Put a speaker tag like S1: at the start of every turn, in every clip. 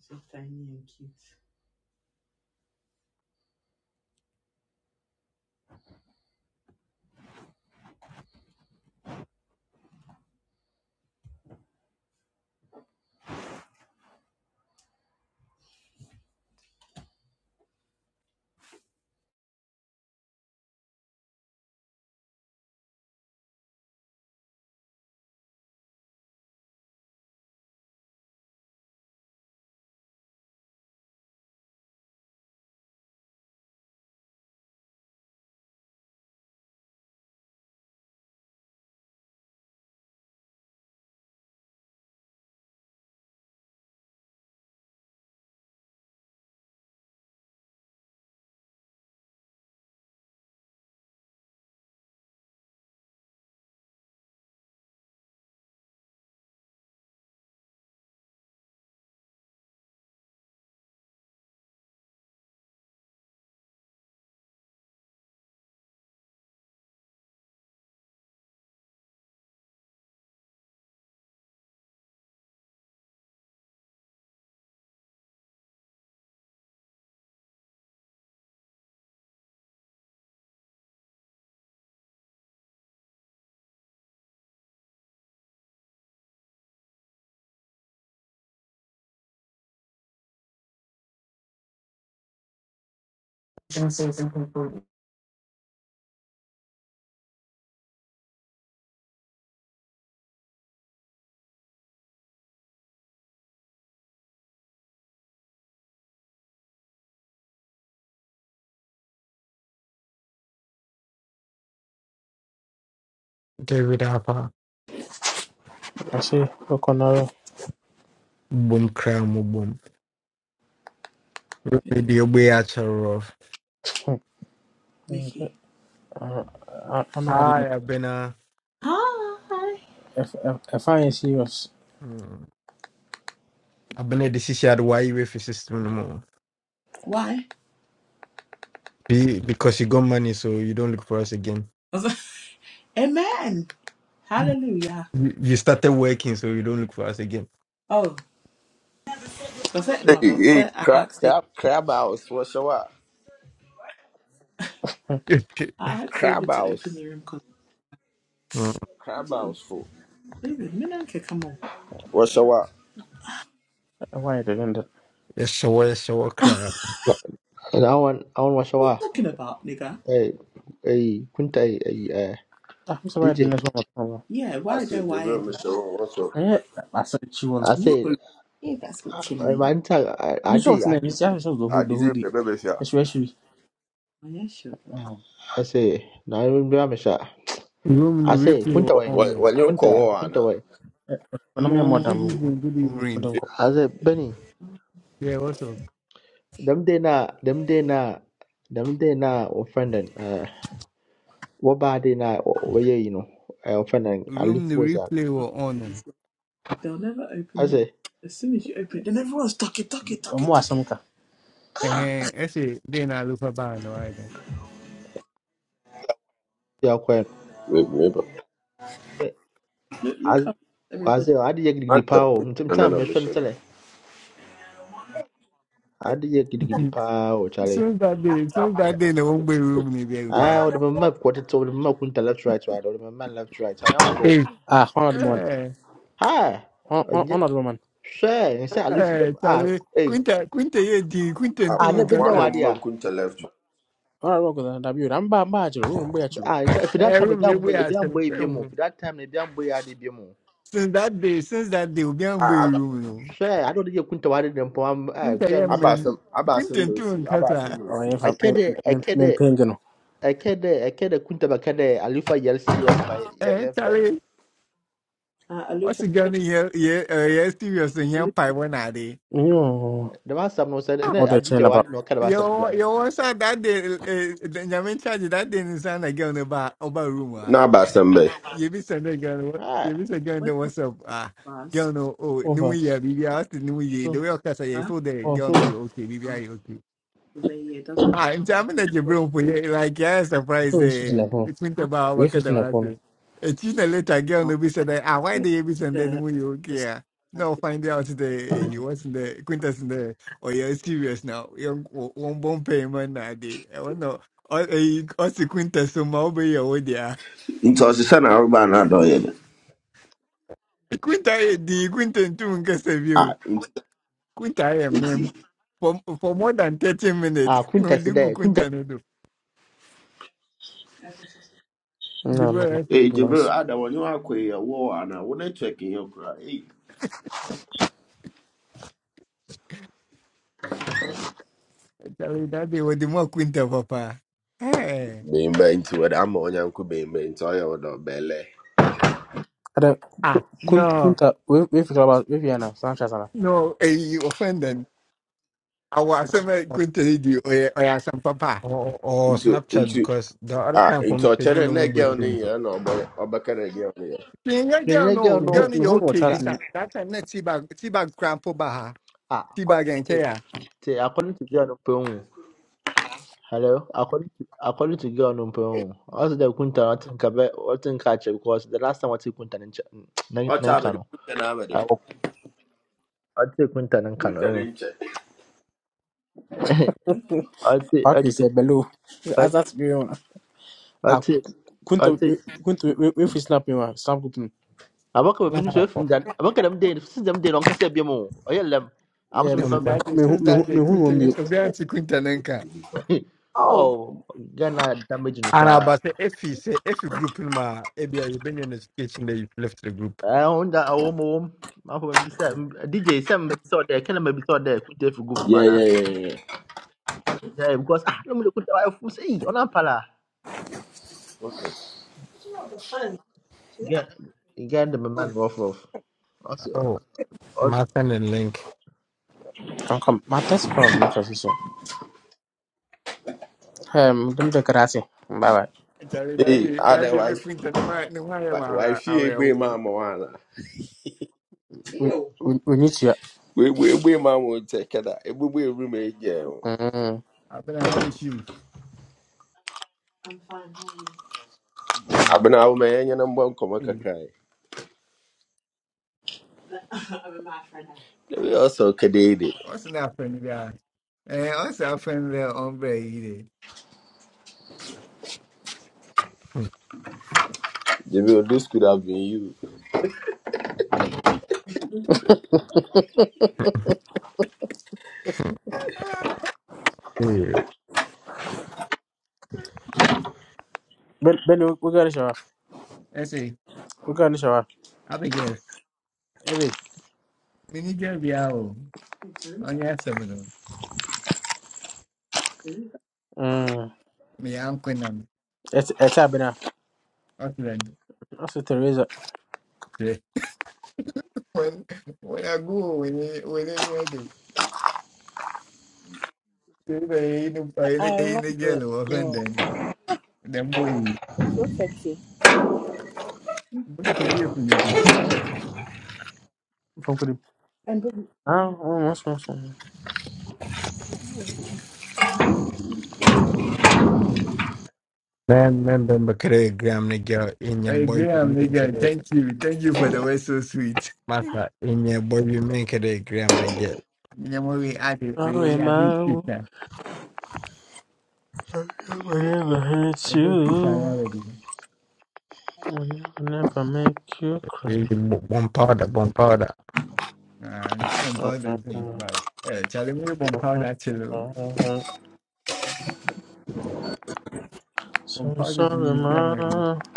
S1: So tiny and cute.
S2: David Apa.
S1: I see Look on
S2: Boom crown boom. Radio Beacher of.
S1: Hmm. Nikki. Uh, I don't know what it is.
S2: Hi, Abena.
S1: Hi. If, if, if I am serious,
S2: Hmm. Abena, this is your why you with your system no more.
S1: Why?
S2: Be, because you got money, so you don't look for us again.
S1: I was like, Amen. Hallelujah.
S2: You, you started working, so you don't look for us again.
S1: Oh, was that
S3: Hey,
S1: no? But
S3: hey,
S1: said I
S3: crab,
S1: asked David.
S3: crab, crab house. What's your up?
S1: I asked
S3: Crab
S1: David to open
S3: house.
S1: the room because
S2: Hmm.
S3: Crab house, fool.
S1: David, Minanka, come on.
S3: What's your up?
S1: why didn't it?
S2: Yes, sure, yes, sure, crowd.
S4: I want I want to
S1: What are you talking about, nigga?
S4: Hey, hey, kunta, hey, hey, uh,
S1: I'm sorry, didn't
S4: DJ.
S1: this one come? on? Yeah,
S3: I
S1: why they
S3: said, the real
S1: wired him?
S3: Mr. Wong, What's up?
S1: Yeah, I said she was.
S4: I
S1: No,
S4: said,
S1: yeah, that's not
S4: my
S1: chimney.
S4: man, I, I
S1: You
S4: did,
S1: short
S4: I
S1: name
S4: did.
S1: is Yasha the
S3: I
S1: hood, the
S3: didn't
S1: hoodie.
S3: remember if you
S1: Especially, Ayesha. um,
S4: I said, no, I don't blame shot.
S5: Room the
S4: I say,
S5: replay
S4: kunta
S5: were
S4: Wayne,
S5: on. eh.
S3: When you
S4: kunta,
S3: call
S4: kunta
S3: Anna,
S4: Wayne.
S5: Come
S1: I'm your
S5: on, good
S1: madam.
S5: evening, good
S1: um,
S5: evening.
S1: Madam, Ko.
S4: I say, Benny,
S5: Yeah, what's up?
S4: them day na, them day na, them day na, or friend uh, what bad day na, where you know, uh, friend I live
S5: Room the
S4: for that.
S5: replay were on.
S1: They'll never
S4: I
S1: open the.
S4: say,
S1: As soon as you open it, then everyone's talking, talking, Um, talking, who are talking. some ka? Ah,
S5: And I say, then I look for ban, all right
S4: yeah, Quinn.
S3: remember?
S1: look,
S4: I
S1: look how
S4: I
S1: everybody.
S4: say, I did get the
S3: Matter.
S4: power.
S3: No, no,
S4: Sometimes
S3: no,
S4: you're trying to
S3: Mr.
S4: tell
S3: Left.
S4: it. I did get the
S5: then.
S4: power, Charlie.
S5: Since that day, since that day, the one way room ni be be.
S4: Ah, what my map quarter to the map kunta left right right or my man left right. I glow.
S2: Hey,
S1: Ah, honorable man.
S5: Eh,
S4: Hi.
S1: Hon- hon- Honorable man.
S4: Share and say I look for
S5: eh,
S4: them. Ah,
S5: Charlie,
S4: hey.
S5: Quinta, Quinta, ye di, Quinta
S3: Ah,
S5: tu
S4: Ah, never been
S3: wa-
S4: no
S3: One
S5: mkata.
S3: of my
S4: idea.
S3: kunta left.
S1: Honorable you, Dabi, Ramba, Bajo, Rumbacho.
S4: Ah, and say for that time,
S2: every
S4: if I'm boy,
S2: maybe
S4: if
S2: I
S4: I'm
S2: can
S4: boy, be more.
S2: film
S4: For that time, if I'm boy, I did be more.
S5: Since that day, since that day, obi an way
S3: Ah,
S5: room no.
S4: Share. I don't think you kunta wadi them. I'm ah,
S5: Quinta ye
S4: God,
S3: I
S4: me say.
S3: about
S5: mem,
S4: "Eh,
S3: some, I about some
S5: Quinta tu
S3: mercy. I about some
S5: mkata.
S1: Oh,
S3: mercy.
S4: I kede, I
S1: yeah, I'm
S4: kede,
S1: paying.
S4: I kede, I kede kunta ba kede. I look for Yelsi was my your
S5: Eh,
S4: your friend.
S5: Charlie,
S1: Ah,
S5: what's
S1: Alufa,
S5: the gun here? Yeah, yeah, serious, and young pie
S1: Alufa,
S5: one are they?
S1: You know,
S4: The man some no said. Ne, I
S1: the
S4: did
S1: chain
S4: your
S1: about
S4: wadi no kada ba some
S5: Yo,
S4: jana.
S5: yo one side that day, uh, Nyamin charge that day in sound like girl no bar over room ah.
S3: No, I about some mercy.
S5: You be sending a girl,
S4: Ah,
S5: you be sending girl the
S1: where's my
S5: WhatsApp ah.
S1: class?
S5: Girl no oh new
S1: over.
S5: year, baby, I the new year. The
S1: So,
S5: way I cast a
S1: Huh?
S5: feel the
S1: oh,
S5: girl no you okay, baby,
S1: so.
S5: are okay?
S1: But yeah, it doesn't
S5: Ah, inseamina ke
S1: go
S5: bro puye like yeah surprise
S1: No issues in
S5: eh
S1: the phone.
S5: Quinta
S1: huh?
S5: ba wa
S1: No just
S5: kada
S1: in the
S5: ma
S1: phone.
S5: E tina later girl
S1: No.
S5: no be said ah why they be send then
S1: The
S5: we you
S1: the stuff
S5: care. No
S1: like this.
S5: find out the you
S1: Um,
S5: was in the quintas in the oh yeah serious now. You one bon payment na dey. I want no all eh all the quintas so ma obe ya wo dia.
S3: Into a son, I about not doing it.
S5: Quinta eh di quinta ntu nka se view.
S3: Ah, into,
S5: Quinta eh mem
S3: into.
S5: for for more than 30 minutes.
S4: ah,
S5: No
S4: kunta
S5: do
S4: today.
S5: quinta
S4: Kunta.
S5: no do. You
S1: no, no, no.
S5: better say.
S3: Hey, Jibril,
S1: Loss.
S3: I don't want you to call your war, Anna. When to check in your cry. Hey,
S5: Tell that they were the more quinta papa. Hey.
S3: bɛmba nti wɔde ama ɔnyanko bɛmba nti ɔyɛ wɔde ɔbɛlɛ
S1: Ada
S5: Ah,
S1: kun
S5: no,
S1: kunta we we fikra ba we fiya na san chat na.
S5: no, eh, you offend I was some quinta you or or some papa.
S2: or, or
S3: nti
S2: Snapchat
S3: nti
S2: because the other
S3: a
S2: time for
S3: nti
S2: me, you
S3: ɔkyerɛ
S2: know,
S3: no na girl near, no
S2: Mumbai.
S3: yɛ na ɔbɔ ɔbɛka no girl no yɛ
S5: Yeah, girl,
S4: Kunta girl
S5: no,
S1: Me hu
S5: girl,
S4: no.
S1: me
S5: me
S1: hu no
S5: okay.
S4: Nah.
S1: chat ni
S5: Pisa, that time net tea bag, tea bag crampo baha,
S4: Ah,
S5: tea
S4: according
S5: bag and
S4: to,
S5: care.
S4: to according to God Umpum. Hello? According to according to God Umpum. Also the Kunta I think about I think catch because the last time I took Kunta
S3: ɔkyɛ abɛde
S4: Nankano.
S3: kunta no abɛde
S4: I take Kunta
S3: kunta no
S4: Nankano. I take I
S1: pack is eh,
S4: take
S1: below.
S4: I
S1: As that be on. Ah
S4: take I
S1: kunta
S4: take
S1: we- kunta we we fi snap me one snap group. ni.
S4: I work with ministry from that. I work at them day since them day on Cassia Biamo. I yell them. I'm
S1: Yeah, me
S4: supposed to
S5: Mrs.
S2: Nah,
S4: remember.
S5: That day,
S1: me hu
S5: since
S1: me hu
S5: that day,
S1: me hu no
S5: quinta
S1: mute.
S5: is obeying to quinta nenka.
S3: oh
S4: Oh, Ghana damage
S2: And I
S4: no
S2: but say if you say if you group in my ABI, you've been in education that you've left the group.
S4: Eh, onda awo mo wom. Mapo mbisa DJ sem mbisa ode kena mbisa ode kuta fi group
S3: yeah
S4: mana.
S3: yeah yeah yeah yeah.
S4: Yeah, because ah no mule kuta wa fu sei ona pala.
S3: what's up
S4: Get get the man rough rough. Also
S2: Oh,
S4: also
S2: my sending link.
S1: Can come. My test files not transition. Um, dem de karate. Bye bye.
S5: Charlie,
S3: hey
S5: daddy, day, that
S3: ada
S5: day, no
S3: wife
S5: quinta, no why, no why am
S3: wi-
S5: I
S3: wife yi egbe ma
S5: around?
S3: ama wana
S1: We Ew. we we need
S3: egbe egbe ma ama ntɛ kɛda egbugbu eru ma egye ɛho
S1: you.
S5: I've been how is you?
S1: I'm fine. How are you?
S5: Mm.
S3: abena awo ma yɛnyɛ no mbɔ nkɔmɔ
S5: Hey,
S3: kakra yi
S1: I'm in my friend now.
S3: ebi ɔsɔ kɛdeede
S5: What's not friend there? Eh, what's our friend there, hombre? Hey,
S3: debi odo school have been you
S2: Hmm. Eh,
S1: Ben, Ben, we, we got a shower.
S5: Ese,
S1: We got a shower.
S5: Abigail,
S1: Maybe.
S5: minigyan niya ako. Ang
S1: Teresa.
S5: yasa mo no?
S1: Teresa. Mm.
S5: Mayaan ko na.
S1: It's it's happening.
S5: Auckland.
S1: That's a Teresa.
S5: Eh. When, when I go, when, I- when I nga do. Kaya na iinom pa,
S3: I love it.
S5: iinigyan ako.
S3: Yeah.
S5: Offended. Then boy,
S3: So sexy.
S5: boy, kumili po nito.
S1: From Kudu. And Ben. Ah, oh, what's what's what's.
S2: Then then then make a gram the girl in your boy
S5: Graham,
S2: you
S5: nigga,
S2: make
S5: thank you. Thank you for the way so sweet.
S2: masa in your boy you make it a gram the girl.
S5: Minyan mo rin ate, ay,
S1: Sorry,
S5: abis
S1: ma.
S5: kita.
S1: I will never hurt
S5: Abis kita nga
S1: you.
S5: rin.
S1: I will never make you
S2: Really
S1: cry.
S2: bo- Bomb powder, bomb powder.
S5: Ah, hindi ka pong powder sa
S1: So
S5: But, eh, chali mo yung that powder chilo. Pong powder sa
S1: sorry,
S5: minigyan mo rin.
S1: ma. I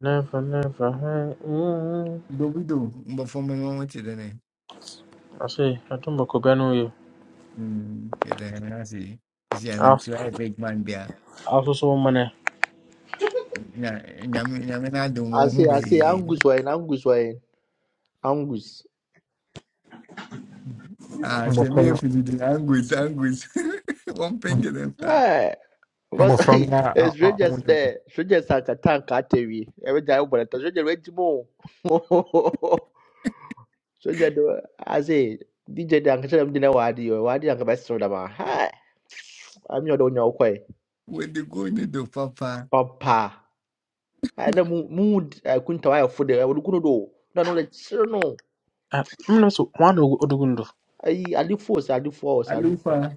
S1: never, never hurt you.
S5: But we do. But for me, I want to then.
S1: I see. I don't know.
S5: Hmm. Then I see. You see, and I
S1: I
S5: try a big man there.
S1: I also saw money.
S5: Yeah, yeah, me, yeah, me, I don't
S4: I
S5: want to
S4: say I say
S5: be.
S4: Angus wine Angus wine Angus.
S5: Ah, she
S2: But
S5: me
S2: from
S5: if you the anguish, anguish. One thing in them that
S4: Eh because
S2: but from
S4: eh,
S2: now, I, I, I
S4: strangers
S2: want
S4: there strangers are katan katewi. Ewe jai uboneta stranger wait mo. Stranger do I say DJ dan kacha mdina wadi yo wadi dan kabesa da ma. Hi. I'm your don't know
S5: when they go in the door, papa,
S4: Papa. I Ɛna mu mu kuntawayɛfo de wɔde gu no do. Na no like, kyerɛ no.
S1: Ah, mna so mwana ogu- odugundo.
S4: Ayi adefoɔ force. adefoɔ sɛ adefoɔ.
S5: alupa,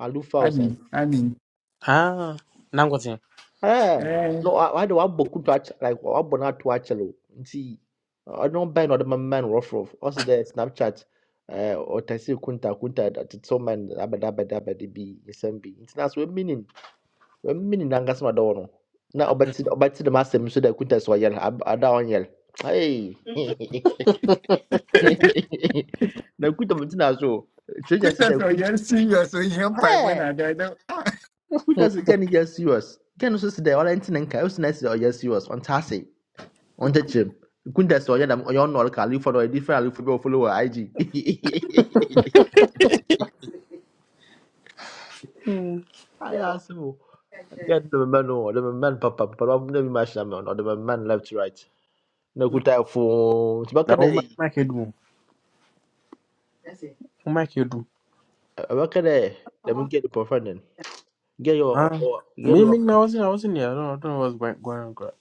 S4: Alufa sɛ
S5: ani,
S4: force.
S5: ani.
S1: Ah, nangozi.
S4: Ɛɛ
S5: Eh,
S4: no wa wa de wabɔ kuntu akyɛ like wabɔ n'ato akyɛlɛ o nti ɔno bɛn na ɔde mɛmɛ no rɔfrɔf ɔsi dɛ snapchat ɛɛ ɔtɛsi kunta kunta tete man abɛda abɛda abɛda bi nsɛm bi nti na so emi ni emi ni nankasa ma dɔwɔ no na ɔbɛti ɔbɛti dɛm asɛm so dɛ kunta sɛ ɔyɛ ada ɔnyɛ. no. Hey.
S2: to
S4: nakuta mtuna so treasure
S5: quit
S4: sɛ
S5: that so you're serious. So you have pipe when
S4: dɛ
S5: I die. no. Ah,
S4: kuta sɛ gane yɛ serious gane so sɛ dɛ ɔla nti ne nka ɛwo sena sɛ ɔyɛ serious On ase ɔnta kyerɛm kuta sɛ ɔyɛ dam ɔyɛ ɔnɔ ɔlka alifo no ɔyɛ different alifo bi ɔfollow wɔ IG
S2: go.
S1: Mm.
S4: ayɛ ase mo gane man, mɛmɛ no ɔde man, papa papa no ɔmo na man, ma hyɛ man, ɔde mɛmɛ left to right na kuta ɛfo nti bɛka
S1: Na
S4: dɛ
S1: uma
S4: ɛyi
S1: make do. Uma make do.
S4: ɛbɛka dɛ dɛm gane pɔfɛn no gane yɛ ɔ
S1: Ah,
S4: gane
S1: me
S4: yɛ ɔ
S1: me I wasn't I wasn't here. I don't I don't know what's going going on. girl.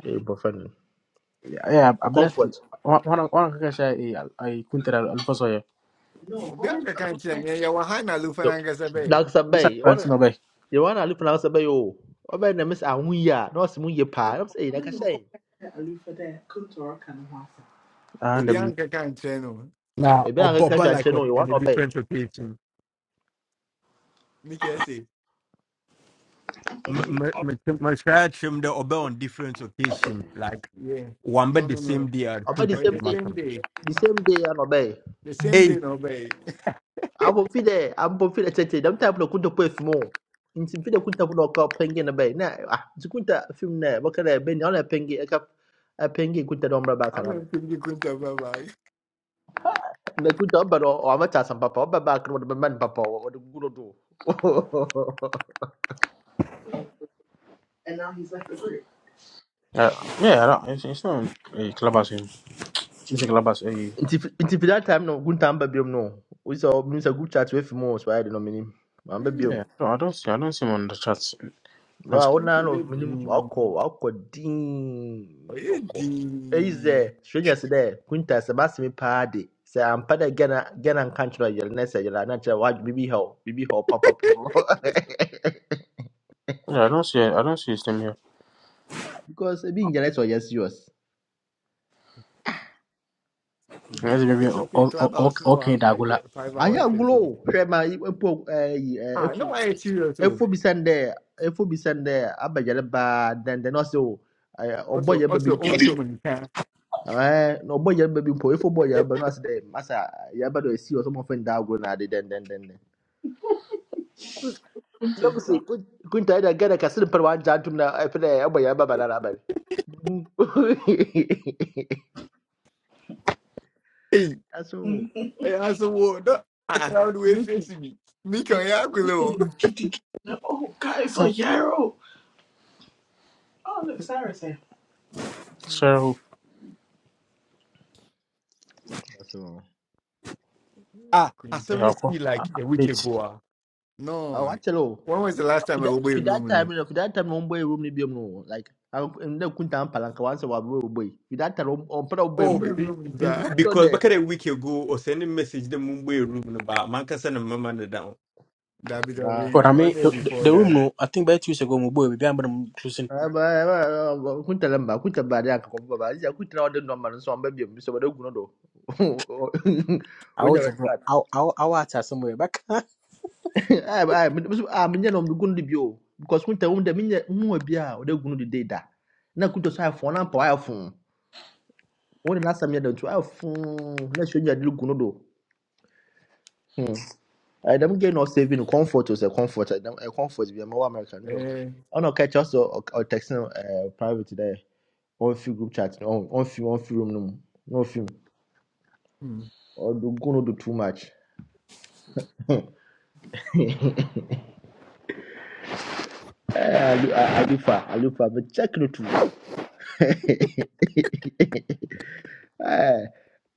S4: gane yɛ pɔfɛn
S1: Yeah, yeah, abena
S4: no
S1: si. Wana wana kaka I I al- ai kuntera alfoso ya.
S5: Obianca can't train. Yeah, you were hiding alupa
S4: Yo,
S5: and Angasabe.
S4: Dr.
S1: Musa
S4: Sabay, what
S1: Francis no bay.
S4: you want to look for Dr. Sabay? Oh, I bet the miss Ahuya, no, some year pa. I'm saying, like I say,
S1: Ah, ndem.
S5: Obianca can't train. No,
S4: a
S2: now
S4: bit
S2: or
S4: of a cash
S2: boba
S4: and
S2: like what
S4: channel, you want
S2: in a
S4: to obey.
S2: different occasion.
S5: Mickey, I say,
S2: My try trim the oba on different occasion
S5: yeah.
S2: one
S5: No,
S2: bed the
S5: no, no,
S2: same day I'd
S4: I bet the
S5: On
S4: same
S2: contact
S5: the
S2: my
S4: day,
S5: same
S2: son.
S5: day,
S4: the same day, and obey.
S5: the same day,
S2: Hey,
S5: no way.
S4: I will feed there, I'm going to feed a chatty, them type of good to pay for more. In some video, couldn't have no cup penguin a bay. Now, it's a good film there, what can I bend on a penguin, a cup, a penguin could have umbrella back and
S5: I'm
S4: have it.
S5: not thinking going to buy bag.
S4: The good job, but or I'm a task and papa, but back with the man papa, what the good do.
S1: Yeah, yeah, I don't, it's, it's not a clubhouse. eh, It's a clubhouse. eh,
S4: Nti fi- nti fi that time no Gunta amba biom no. We saw we saw good chat we fi mo so ayɛ no menim. Amba
S5: Going
S4: biom.
S1: Yeah, no, I don't see. I don't see him on the charts.
S4: No a wona
S5: to
S4: no menim
S5: dean.
S4: akɔ akɔ
S5: Oh,
S4: din
S5: yeah,
S4: akɔ. Eyi
S5: dean.
S4: sɛ strangers dɛ Gunta sɛ basi me paa de. Sɛ ampa dɛ Ghana Ghana nka nkyerɛ yɛl na sɛ yɛl na kyerɛ wadwe bibi ha o bibi ha papa.
S1: Yeah, I don't see. it. I don't see his name here.
S4: Because ebi nyɛ sɛ ɔyɛ yours.
S1: Unless
S5: We
S1: maybe
S5: check
S1: O-
S5: the
S1: O- O-
S5: clubhouse
S1: okay,
S5: No,
S1: okay,
S5: ah, five
S1: Dagula.
S5: five
S4: Ayɛ
S5: hours ago.
S4: agolo hwɛ ma epo ɛyi
S5: Ah,
S4: efo
S5: no, I serious too.
S4: efo bi sɛn dɛ efo bi sɛn dɛ abɛgyɛre baa dɛn dɛn ɔsɛ o. ɛɛ, ɔbɔ
S5: Also,
S4: yɛ ba then then also. Ọbọ yẹ bẹ bi
S5: also
S4: mpo.
S5: own too many times.
S4: Eh, na ɔbɔ yaba bi mpo efo bɔ
S2: hey,
S4: yaba no ase dɛ masa yaba dɔ esi hɔ sɛ ɔmo fɛn da go na ade den den den dɛn. Na mo se kun kun ta da dɛ gɛrɛ kasi pɛrɛ wa gya ntum na ɛfɛ dɛ boy ya ba dara abɛrɛ.
S2: hey,
S4: Aso
S1: Mhm.
S2: as a word, that's
S5: Ah,
S2: how the way
S5: Mickey,
S2: facing me.
S5: Mickey, on your glow.
S1: Oh, guys, a yarrow. Oh, look, Sarah's here. So
S4: aso
S2: Ah, I
S5: Quinta.
S1: yeah,
S2: suddenly
S1: okay.
S2: see like a week
S1: Wait.
S2: ago. ah.
S4: ah
S5: No.
S4: wa for o
S5: When was the last
S4: fi
S5: time I
S4: that for
S5: opened
S4: that
S5: room? You know?
S4: time no for that time na ɔmo bɔ yɛ room ni bi mu no like ah, ɛn dɛ kun ta mpalanka wa nsɛ wa bɔ yɛ o bɔ yi fi that time ɔmo ɔmo pɛrɛ o bɔ yɛ
S2: Oh,
S5: Opened
S4: mpo.
S2: be,
S5: room
S2: be,
S5: That.
S4: Sɔ
S2: because
S4: dɛ.
S2: back a week ago, or sending message the Mumbai room about man can send a down.
S5: That bit of
S1: But
S5: it.
S1: I mean,
S5: Only
S1: the, the
S5: before
S1: the
S5: that.
S1: room. No, I think by two years ago, my boy, maybe I'm gonna choosing.
S4: Aba- aba- aba- kunta lamba kunta bari aka kwa baba aziza kunta na wadu nomba nso amba biyo mbiso bado guno do
S1: I
S4: wenya
S1: was
S4: bari
S1: just
S4: kat
S1: I I I was at somewhere back.
S4: ai ai mbiso a minya no mdu guno di biyo because kunta wunda minya muwa biya wadu guno di deda na kunta sa iphone na pa iphone wona na samya da tu iphone na shonya di guno do hmm ai dam ge no saving comfort was a comfort dam a comfort biya ma wa american do
S5: Eh.
S4: ono catch us or text no eh, private there on free group chat on on free on free room no no free
S5: hmm.
S4: Or do go no do too much. I I do far I do far but check no too. Eh,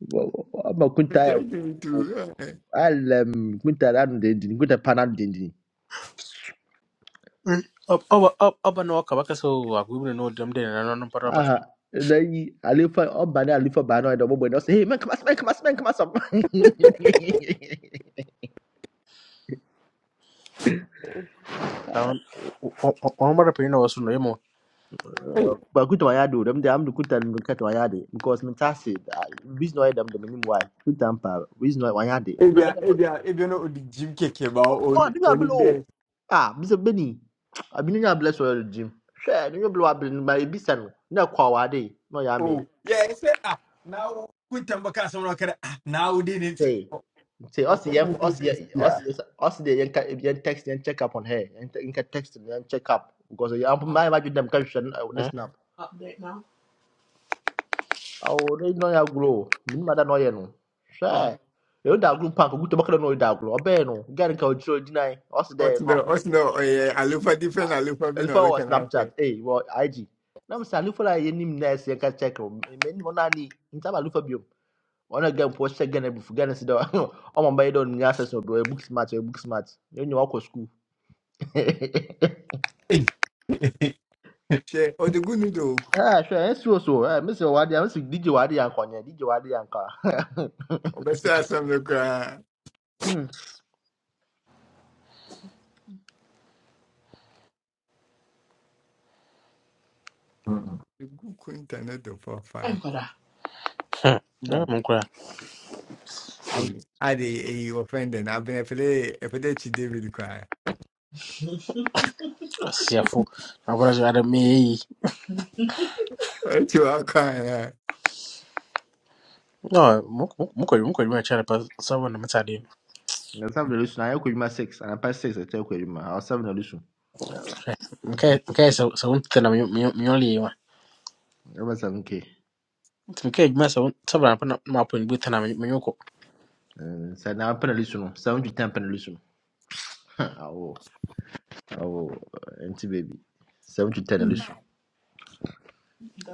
S4: wo- wo- ama kunta ya
S5: Thank you
S4: fu.
S5: too.
S4: Alem, kunta da no dendin, kunta pa na no dendin.
S1: Mm. Up up up up and walk back. So I wouldn't know them then. I don't know about back.
S4: Aha, na yi Alufa, ọba na Alufa ba na ọdọ gbogbo ẹni, ọ sị, hey, man, come as, man, come as, man, come as.
S1: I don't. I'm gonna no soon.
S2: Hey,
S4: But kunta wa ya do, dem de am do kunta no kata wa de because me ta se, reason why dem de me nim why. Kunta mpa, business why wa ya de.
S2: if you are,
S4: No,
S2: if you are, if you know the gym cake
S4: Oh,
S2: about on
S4: ɔn ne
S2: on
S4: nyabele
S2: him
S4: o
S2: there.
S4: a bisa beni abi ne nyabele sɔrɔ ɛlò jim hwɛ ne nyabele wa abiri ne ma ebi sɛ no ne kɔ awaade na ɔyɛ ame
S2: Oh, yeah, I said, ah, now quit and back someone can ah, now did
S4: sɛ
S2: it. Oh,
S4: sɛ
S2: oh,
S4: ɔsi
S2: oh,
S4: yɛn
S2: oh, oh,
S4: Us,
S2: oh,
S4: yɛn
S2: Yeah.
S4: ɔsi ɔsi de yɛn ka yɛn text yɛn check up on her yɛn te- text no, check up because yɛn mmaa yɛn ma dwi dɛm ka hwɛ no, ɛwɔ ne
S1: Hmm?
S4: snap
S1: Update now.
S4: awo ne nyɛ ɔyɛ agolo o mini ma da na ɔyɛ no
S1: Oh,
S4: hwɛ yɛn da agolo panko guto bɔkɛlɛ na ɔyɛ da agolo ɔbɛn no gari nka ɔkyerɛ ɔgyina Us, ɔsi dɛ
S5: Ọtụnụ
S4: no,
S5: ọtụnụ alụfa different
S4: Ah,
S5: alụfa bi na
S4: if I
S5: ọlụ
S4: was
S5: kana
S4: Snapchat,
S5: Best
S4: hey, well, IG. Now, Mr. Lufala, you need to say, can check him. Many one ani, in time, Lufa One again, post again, if you get a sidor, oh, my bed on access or a book smart, a book smart. You know, walk to school.
S2: Hey.
S5: Ṣé ọdịgwu nudo
S4: Ah, sure, and so, so, eh, Mr. Wadi, I'm Mr. DJ Wadi and Konya, DJ Wadi and Car.
S5: ọbẹsẹ asọm ló kura
S4: Hmm,
S5: egwukwu intanet fọfa.
S1: thank God. Hmm. Ah,
S4: bruh.
S1: Mungu ya
S4: I'll-
S5: Adị eyi ọfẹndị na abịa efere efere chi David kwa.
S1: siafu nakola zvada mei
S5: Echi ọkọ ya.
S1: no mukoli mukoli machara pa savo namatsadini
S4: Let's have the illusion. I equal my six and I pass six. I tell you, my I'll seven illusion.
S1: mkai sauntithana munyoliwa
S4: Over seven K.
S1: mkai juma sa sabra pana maponi bwithana munyoko
S4: So now I'm penalization. Seven to ten penalization. Oh. Oh, nti baby. Seven to ten alisho.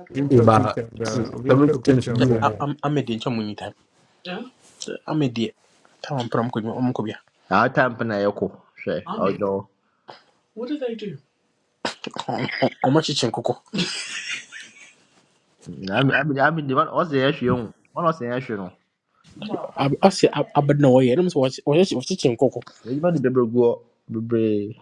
S5: Obi mpekwu
S2: about
S5: ntọmgba obi
S2: seven
S5: mpekwu
S2: ten should be
S5: ntọmgba.
S2: one.
S1: amedie ncho munyita amedie tava mpura mukoli omukobya
S4: Our time pena yoko. She. Our do.
S1: omachichi nkoko
S4: I am I am I am in The one what's the issue? One what's the issue? No.
S1: asi abadina woye nomusi wachichi nkoko
S4: You man the bebre go. baby,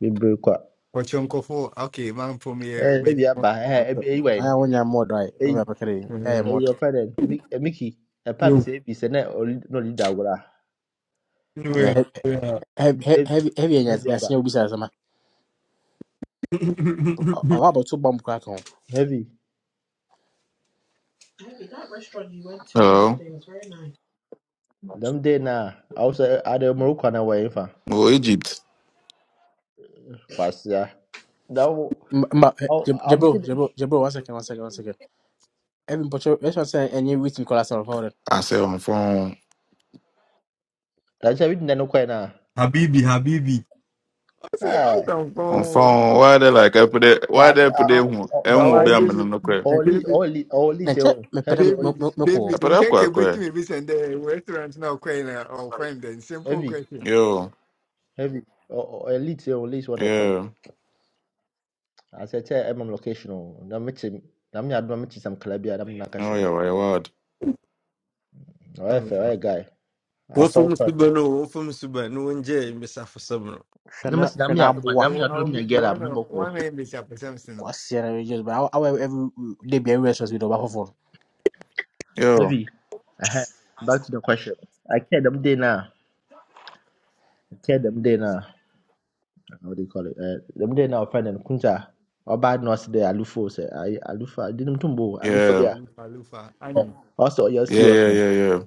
S4: baby. kwa.
S5: Ọchọ nkọfọ ọkị ma mfọ m ihe
S4: Eh,
S5: m ihe.
S4: ebi aba. Eh, ebi ebi
S1: maya wonya modo ai
S4: Eh,
S1: obya pakare byaye
S4: eh,
S1: modo
S4: your friend. Mick, eh, Mickey. a papi
S2: You
S4: say ebi sene oli no leader wala.
S2: anywhere? Yeah. yeah.
S1: Heavy,
S4: Ebi,
S1: heavy, heavy, yes,
S4: ebi
S1: yes, yes, yes, yes, about two bomb crack on?
S4: Heavy.
S1: Hey, that restaurant you went to the other
S6: Oh,
S1: day was very nice.
S4: Them day na. I was eh, at the Morocco na wa infa.
S6: well, Egypt.
S4: Kwasi ya. Now,
S1: Ma,
S4: I'm
S1: Jabro,
S4: feeling.
S1: Jabro, Jabro, one second, one second, one second. Every butcher, let's just say, and you written colors of order.
S6: I say on phone,
S4: That's everything. No kwa
S2: Habibi, Habibi.
S5: Ọ sị ọ
S4: na.
S5: sọ mfọ
S6: on phone. Why they like I put it? Why
S4: But,
S6: they put
S4: uh,
S6: it? Who?
S4: uh,
S6: Eh,
S4: but
S6: who
S5: awa
S6: be am
S4: Olis,
S6: no kwe?
S4: Oli,
S5: David
S4: Oli,
S1: Then
S4: Olis, eh,
S1: check me,
S4: heavy,
S1: pedam,
S5: David,
S4: Olis,
S1: moko,
S5: David,
S6: I put up kwa
S5: nkeke beti me
S6: kwe.
S5: and the restaurant now quite uh, friend then simple
S4: heavy,
S5: question.
S6: Yo,
S4: heavy. Or elite, Olis, what I call.
S6: yeah.
S4: As I tell MM location, oh, I'm na I'm na mechi sam kalabia, I'm
S6: No,
S4: nakasho.
S6: yeah, why what?
S4: Oh, efe, oh, guy. I
S2: One
S4: saw
S2: from
S4: her.
S2: Subano, one from Subano, one J, Miss Afasabro.
S4: No,
S1: shana,
S4: but I'm na mi
S1: shana,
S4: adu, man,
S5: I
S1: boa,
S4: na mi
S5: will I
S4: adu,
S5: will
S4: mi
S5: meet you
S4: girl, I'm
S5: one uh,
S4: number four.
S5: one name is a person No,
S1: question, and just about our every day be a restaurant with a waffle phone.
S6: Yo,
S4: Heavy. Uh-huh. Back to the question. I care them day now. I care them day now. How do you call it? Uh, them day now, friend and kunta. Or bad nurse there, alufo, say, I, alufa, not tumbo, alufa
S6: yeah,
S4: yeah.
S5: Alufa Alufa Annie.
S4: ɔsɛ ɔyɛ
S6: yeah,
S4: serious
S6: yeah,
S4: no
S6: yeah, yeah.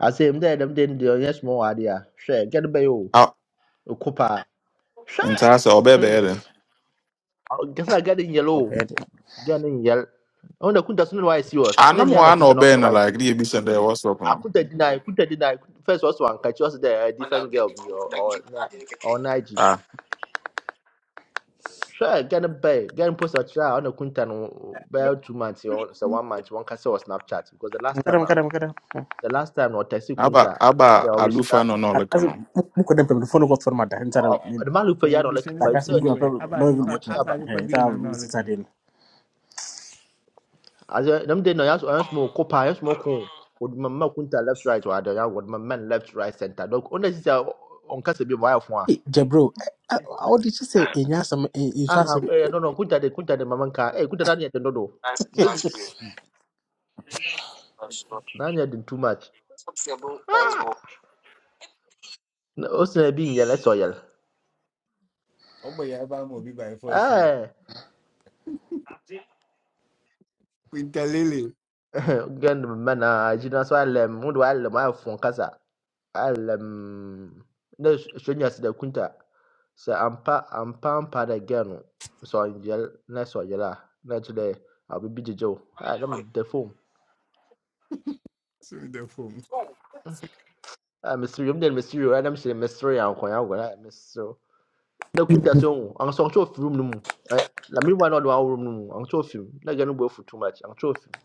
S4: asɛm dɛ ɛdɛm de no deɛ ɔnyɛ small wɔ adeɛ a hwɛ gɛne bɛyɛ o
S6: Ah,
S4: ɛko paa hwɛ
S6: and so I say obey
S4: Hmm,
S6: better.
S4: ɔ- gɛsɛ a gɛne nyɛl o
S1: Okay,
S4: gɛne nyɛl ɔno na kunta so no na wayɛ serious
S6: I
S4: na
S6: know
S4: nya
S6: more.
S4: na
S6: I
S4: kunta
S6: know
S4: no ɔka no
S6: better.
S4: wayɛ
S6: Like the be send there. What's up now?
S4: akunta di na kunta di na first ɔsɛ wankakyi ɔsɛ dɛ a different girl bi ɔɔ naagye
S6: Ah,
S4: hwɛ gɛne bɛyɛ gɛne post ɔkyerɛ a ɔna kunta no bɛyɛ two months ɔ- sɛ one month wɔnka sɛ wɔ snapchat because the last time
S1: kadam,
S4: a
S1: kadam, kadam.
S4: the last time na ɔtɛsi
S6: aba
S4: kunta
S6: aba
S4: dɛ ɔbɛhyɛ
S6: alufa no no like
S1: As
S6: no.
S1: Mukodem, the phone got for my dad, and I
S4: adama lupa ya
S5: And
S4: no
S5: be
S4: like
S5: sending
S4: by
S5: this
S1: guess
S4: search
S5: everywhere.
S1: Mukodem,
S5: Abba
S1: no
S4: a
S1: even
S5: Alufa
S4: watch
S5: Abba
S4: aba
S1: airport.
S5: Alufa be on another look.
S4: as them dey no yas yas mo kopa yas mo ko would mama kunta left right or other would my man left right center dog only is on kasa bi wire fo a
S1: Hey, Jabro, eh, eh, how did she say? In Yasam, in
S4: aha
S1: Yasam.
S4: eh no no kunta de kunta de mama nka eh kunta dani de dodo biz dani de too much ah o se bi nyele let's yel
S5: Oh boy, Abba will be by first year.
S4: eh
S5: With Dalili.
S4: gan man a jina so alem mo do alem wire fo kasa alem no shonyas de kunta Sɛ ampa ampa ampa dɛ girl no sɛ ɔnyare na sɛ ɔyare a na ɛkyerɛ dɛ ah biribi gyegye wo. Ah na meda fam.
S5: So the phone.
S4: Ah meserew. Medan meserew ara na mehyɛ dɛ meserew ankoankoa na meserew. Na kuta sɛ ɔhu. Anso ɔnkyɛ ɔfiri room no mu. Ɛ- Na me wa na ɔde wawo room no mu. Ankyɛ ɔfiri mu. Na girl no bo afu too much. Ankyɛ ɔfiri mu.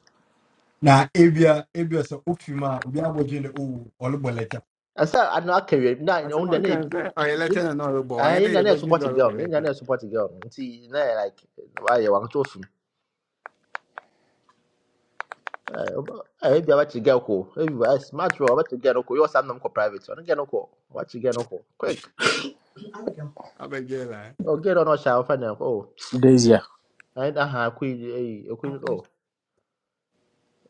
S2: Na ebia ebia sɛ ofi mu a obi abɔgye ne o ɔlebɔ lɛta
S4: Ɛsɛ a ano aka wie na
S5: I said
S4: ɔhu dɛ
S5: what
S4: na
S5: can say oh you letter and all boy and
S4: ɛyɛ
S5: then
S4: na
S5: are
S4: na
S5: budget
S4: ɛsopɔte
S5: dollar by
S4: girl no. Yɛn nyinaa
S5: letter.
S4: na ɛsopɔte girl no. Nti na ɛyɛ like wayɛ wankyɛ ɔfiri mu. Eh, oba- eh, ebi abachi girl ko. Ebi ba smart bro abachi girl ko. You want some ko private. Ono girl ko. Abachi girl ko. Quick.
S5: Abba Jela.
S4: Oh girl no sha fa na ko.
S1: Daisy, ah,
S4: Na ida ha ku eh ku oh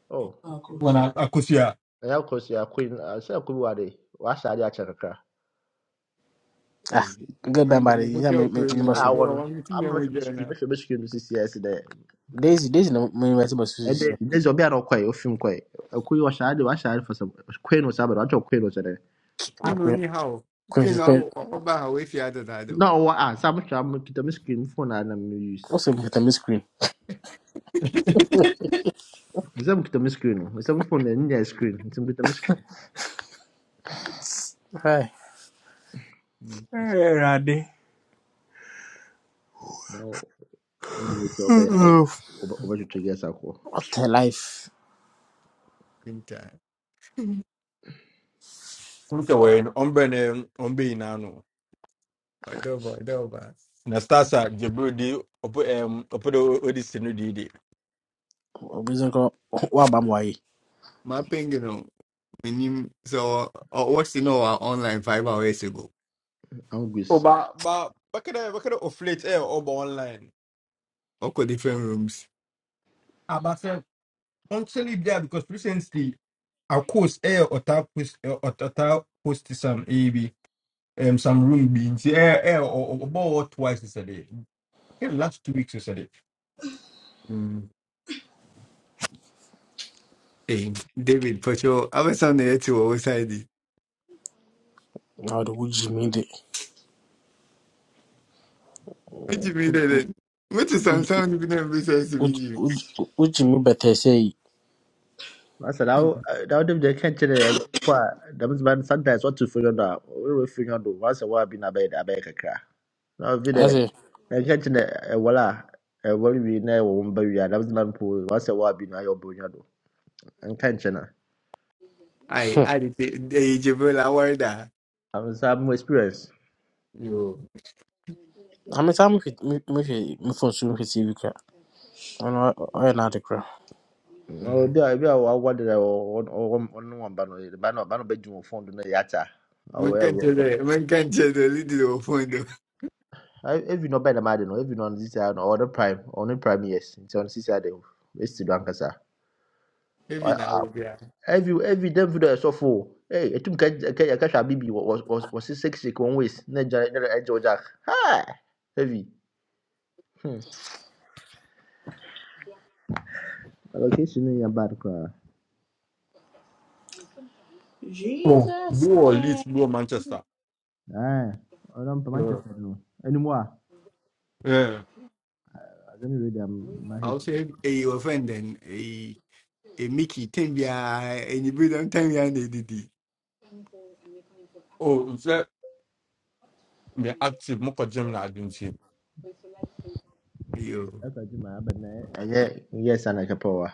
S4: oh.
S2: wɔna akosua
S4: Na ya ko sia ku na sha ku wa de. Wa sha dia cha kakra.
S1: Ah,
S5: Hey.
S1: get
S5: No,
S1: back
S5: the
S1: by the
S5: Mukuja
S1: Yasam,
S5: Ukraine.
S1: in
S4: Ah
S5: If
S1: Basum.
S5: you
S4: won.
S5: want to
S4: I'm not a
S5: see me,
S4: mystery, but a mystery in the CCS there.
S1: Daisy, Daisy, no, my university was
S4: And
S1: Susie.
S4: then there's a bit of quay, a film quay. A quay was shy, was shy for some queen or something. I told queen was there.
S5: Queen
S1: Quench,
S5: only how Queen
S1: quench,
S5: how Ọ- how ha wee fie adịda though.
S4: No, wa ah, some I'm the screen phone and I'm use.
S1: also with a miscreant.
S4: Is that the screen? Is that phone and yeah, screen? It's a screen.
S1: Hi.
S5: Hmm.
S4: I said,
S1: Eh,
S4: Now, your bay, Obajutria Sako.
S1: What a life.
S5: Queen Cha.
S2: Look away, Umbrella, Umbe Nano.
S5: Ọdọba ọdọba.
S2: Nastasa, Jabudi, Opedo Odyssin, Didi.
S1: Obizon ko wa ba mo ayi.
S5: Ma pingin o menim so ɔ- ɔ- you know our online five hours ago.
S2: Oh,
S4: Angus.
S2: ba, ba, bakada, bakada of late air over online.
S5: Ɔkɔ different rooms.
S2: Actually, there because recently, of course, air or tap post or tap post some AB um some room beans air air or about twice yesterday. Yeah, last two weeks yesterday.
S5: Mm. Hey, David For sure. Pacho, abɛsan na yɛte to wo side yi.
S1: Na do wuji mi de.
S5: Metumi dɛ dɛ. Wote sansan bi na mbi sɛ ɛsɛ mi gyi.
S1: Wuji mi bete sei.
S4: I said, I'll not the catcher there. That was man sometimes what to figure out. We will figure out once a while been a bed, a baker crack. Now, if you there,
S1: Ase,
S4: and catching a walla, a worry we never won't bury that was man pool once a while been a your bunyado. And catching her.
S5: Ai, ade te ɛyɛ Jibril awɔre da.
S4: I'm some experience.
S5: Yo.
S1: I'm a time with me for soon with TV. Oh, no, I know I an addict, bro.
S4: No, there I be a wonder on one banner, the banner, banner bedroom of phone to the yata. I
S5: Menka nkyɛ
S4: will.
S5: dɛ, menka nkyɛ dɛ, lidi wɔ phone do.
S4: If you bɛn dɛm ade no evi no ɔno sisia no ɔwɔ ne prime ɔwɔ ne prime years nti ɔno sisia de esi do ankasa
S5: Ebi na wo
S4: evi evi dɛm fi do ɛsɔfo o ee etum ka ka ka hwɛ abibi wɔ wɔ wɔ wɔ si six six one ways na gya na ɛgya Ha. haa evi hmm allocation no yɛ bad car.
S2: Oh,
S1: Jesus.
S2: Blue or
S1: Yeah.
S2: Leeds, Blue Manchester.
S4: Ah, i ɔno mpa
S2: Yeah.
S4: manchester no not
S2: yeah.
S4: a adani my
S5: I
S4: head.
S5: will say a offend and a a Mickey Tembia and you bring them Tembia and Didi.
S2: Oh, so me active more Moko German Argentina.
S5: You
S4: I can agye ma abɛn na ɛyɛ yes I'm ana kɛpɛ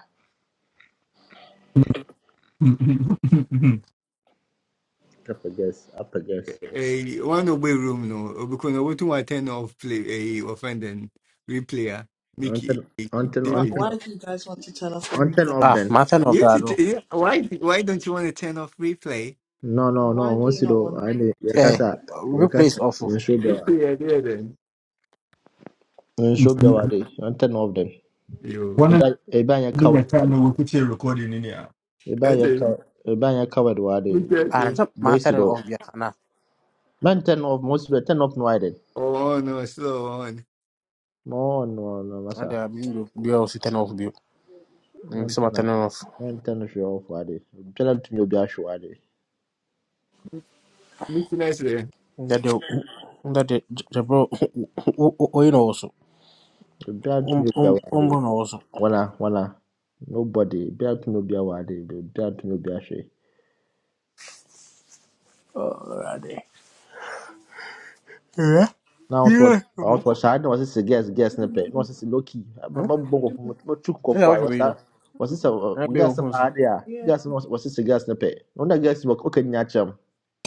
S4: a guess. yes apɛ yes
S5: a one away room no because I want to attend off play a offend and replayer Mickey
S4: ɔnten
S5: eh,
S4: Until
S1: Why,
S5: David.
S4: until
S1: why did you guys want to turn off the
S4: until
S1: replay?
S4: off
S1: Ah,
S4: then.
S1: my turn off
S5: You
S1: that
S5: should-
S1: though.
S5: eh, why why don't you want to turn off replay?
S4: No, no, no.
S1: Why do you
S4: Once you
S1: not
S4: do,
S1: want
S4: I mean,
S1: to turn Yeah,
S4: Yakasa.
S1: off?
S4: Yakasa. your
S1: replay is
S4: casa,
S1: awful.
S4: you should be,
S5: Replay yeah then
S4: you should be aware. I'm ten of them.
S5: you
S2: One of
S4: Eba, eba, you coward,
S2: the
S4: aware.
S2: time we put here recording in here.
S4: Eba,
S5: that's
S4: you
S5: it.
S4: coward, eba, you coward, aware.
S5: Mr.
S1: Ah, it's
S5: Asif.
S1: not my
S4: Boys,
S1: turn off, yeah, nah.
S4: Man, ten of most, of the ten of no idea.
S5: Oh no, slow on.
S4: No, no, no,
S1: And
S4: masa.
S1: the me, you also turn off, you. some
S4: Man,
S1: so
S4: ten of,
S1: turn off.
S4: man, ten of you off, aware. Tell them to me, be ashu, aware.
S5: Mr. Nestle.
S1: That the that the the bro, oh, oh, oh, you know also.
S4: Tell them to
S1: Um,
S4: me, be
S1: um, um,
S4: aware.
S1: bro, know also.
S4: Wana, wana. Nobody. Be out to me, be aware. Be out
S1: Yeah,
S4: na ɔsɔ
S1: yeah. Come on,
S4: ɔsɔ
S1: come.
S4: saa na wɔsɛ sɛ gas gas ne pɛ na wɔsɛ sɛ loki ama
S1: Huh?
S4: ma bɔ nkɔfo ma tu nkɔfo
S1: Yeah,
S4: a
S1: what you
S4: wɔsa
S1: know?
S4: wɔsɛ sɛ
S1: I
S4: ɔ-
S1: be on
S4: gas
S1: phone. so.
S4: baa de a
S1: Yeah.
S4: gas no wɔsɛ sɛ gas ne pɛ na wɔn na gas wɔ ɔka nyina kyerɛm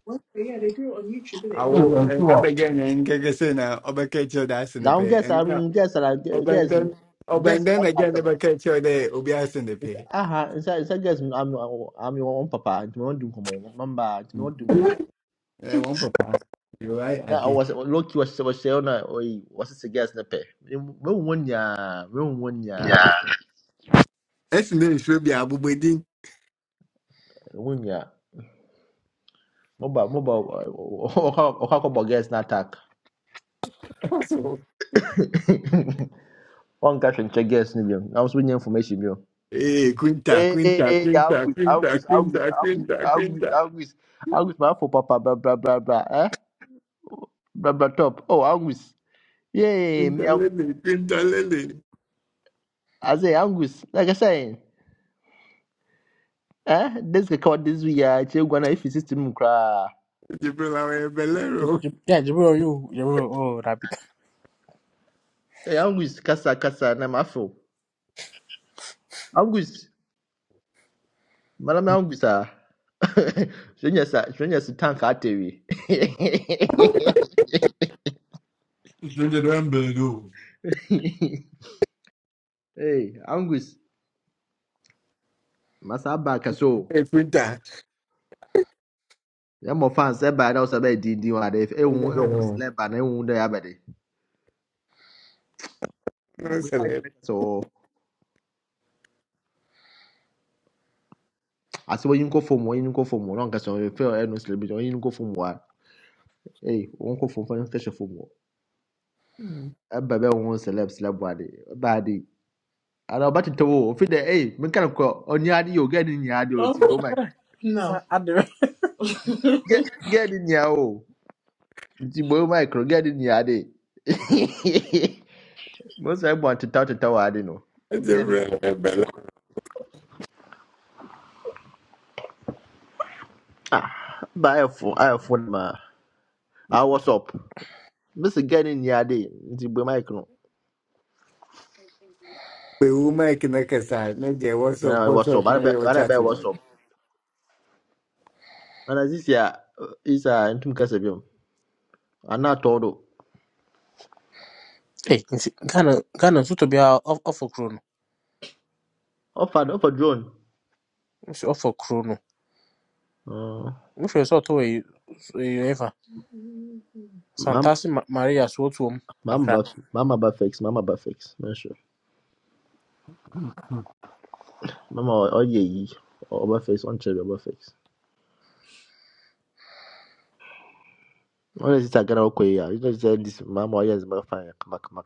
S1: Well, yeah, they do it on YouTube,
S5: I
S1: isn't
S2: Oh, I
S1: it?
S5: will I
S2: saw.
S5: begin and get a sinner over catch your ass in the
S4: na wɔn gas a
S5: pay
S4: mm, gas a ge-
S5: ọba
S4: gas
S5: ndẹn ọba
S4: gas a
S5: ndẹn na
S4: wɔaka
S5: gẹn ne
S4: akyerɛ no
S5: bẹ kẹ kyerɛ dɛ obi asɛn ne pɛ
S4: nsa aha nsa nsa gas no ami wɔn ami wɔn papa nti wɔn di nkɔmɔ wɔn mba nti wɔn di nkɔmɔ
S5: ɛ wɔn papa yowa
S4: na
S5: ade
S4: wɔsɛ loki wɔsɛ wɔsɛ ɔna oyi wɔsɛ sɛ gas ne pɛ mehu wɔn nyinaa mehu wɔn
S5: ɛsɛn dɛ nsuo bi a abobɔden
S4: nyinaa moba moba okwakọbọ girls na attack
S5: kɔsɔ
S4: One guy nka check girls ni bi I nso wonya information bi o
S5: ee Quinta,
S4: Hey,
S5: Quinta, Quinta,
S4: August,
S5: Quinta,
S4: August,
S5: Quinta,
S4: August, August,
S5: Quinta, Quinta,
S4: August, August, August, my for papa, blah, blah, blah, blah, eh? Blah, blah, top. Oh, August. Yay,
S5: kwinta
S4: me, August.
S5: lele kwinta lele
S4: I say, August, like I say, eh? This record this week, I check one if you system cry.
S5: jibirila wɛ bɛlɛro
S1: Jab- Jab- Yeah, Jabril, you, Jabril, oh, that be
S4: Hey, August, kasa, kasa, na mafo. August, madam August, ah. Shonya sa, shonya sa tank ateri.
S2: It's in the Ramble,
S4: Hey, Angus, masa aba kɛse o.
S5: ɛ kwinta
S4: Yɛ mɔ fans ɛba yɛ dɛ ɔsɛ bɛ dindin wa dɛ ehu ehu
S5: no,
S4: silɛba na ehu dɛ yaba de. Gbe maa kiri kɛse o. Asɛ oyin ko fom oyin ko fom o n'an kɛse you feel, ɛnu silɛbi jɔ oyin ko fom wa. Hey, oyin ko fom fɛn kɛse fom o. Ɛba bɛ ehu silɛb silɛb wa de. Ɛba de. Ara ɔba tete o ofi dɛ hey mi kana kɔ ɔni adi you get in nya You o
S1: Huh?
S4: ti bo get,
S1: No. I do.
S4: gɛ gɛ ni You o ti bo maa kuro gɛ ni nya adi. Mo sɛ ɛbɔn tetaw tetaw wa adi no.
S5: jibirila wɛ bɛlɛro.
S4: Ah, ba phone. ayɛfo phone, ma ah what's up mesi gɛ ne nni ade nti bue mic no
S5: pèwú máìkì náà kẹsà ẹ ní jẹ wọ́sọ̀
S4: na what's
S5: bọ́sọ̀
S4: up ana
S5: fúnra yẹ wọ́n chat
S4: bɛyɛ what's
S5: wọ́n.
S4: up ana sisi a uh, isa ntum kasa biom ana not do
S1: Hey, nti Ghana, Ghana nso tɔ bi a ɔf- ɔfɔ kuro no,
S4: Offer. Offer drone
S1: nso ɔfɔ kuro no.
S4: Mm,
S1: Nhwɛ sɛ ɔtɔ wɔ yi, ɛyɛ fa.
S4: mam-
S1: Santase Ma- Maria so ɔtɔ mu
S4: mama ba
S1: kakra.
S4: mama ba fix mama ba fix mɛnso mama oh ɔyɛ yi ɔba fix ɔnkyerɛ bi ɔba fix ɔyɛ sisi a gana ɔkɔ yi a yɛ sɛ dis mama ɔyɛ zima fa yɛ kamakama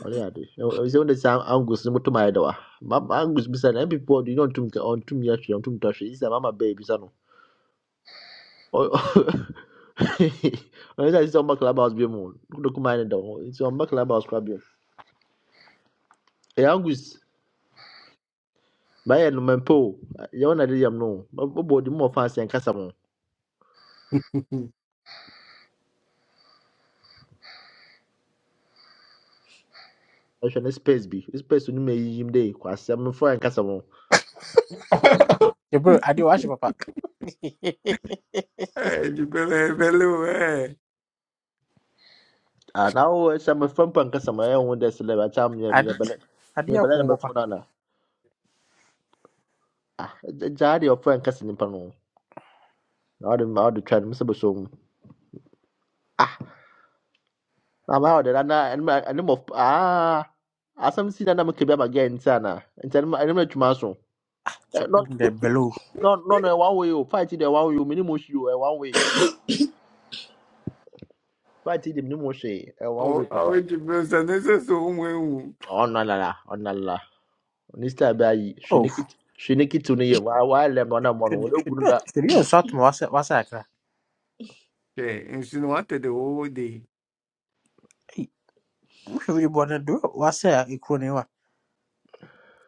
S4: Wale ade. Ose wonde sa Angus ni mutuma edawa. Mama Angus bisa na people do not tum ka on tum ya twa on tum twa shi. Isa mama baby sa no. Ona sa isa mba club house bi mu. Kudo kuma ne dawo. Isa mba club house kwa bi. E Angus ba ye no mempo. Ya ona de yam no. Obo di mo fans en kasa mo. Ehwe ne space bi. Space ni me yim de kwa asem no fo en kasa mo.
S2: though.
S1: Jabril, adeɛ wahyɛ papa.
S5: ẹ jibirila wɛ bɛlɛro ɛ.
S4: Ah na o esa me fam pa en kasa mo. Ya wonde sele ba cham ya ya
S1: Ade,
S4: bele. Ya
S1: adeɛ
S4: bele na
S1: akɔn
S4: be fo
S1: papa.
S4: na na. Ah, jadi ofo en kasa ni pa no. I'd I'd try them some so ah na my order and am I'm of ah asam si na na make be again sana and tell me and me tuma so no
S1: Jabril, the below.
S4: no no no one way you fight the one way you minimum you eh, one way fight the minimum she eh, one way
S5: Au-
S4: papa
S5: Awete besa ne sɛ sɛ ɔmo ewu
S4: oh no la la oh no la nista ba yi
S1: Oh,
S4: shiniki shiniki to ne wa wa le mo na mo
S1: should
S4: no le
S1: should
S4: gunu da
S1: should deɛ sort atoma wasɛ wasɛ akra.
S5: hwɛ nsu no the whole day
S1: Hey, nhwɛ bi bɔ no, deɛ wasɛ a ekuro no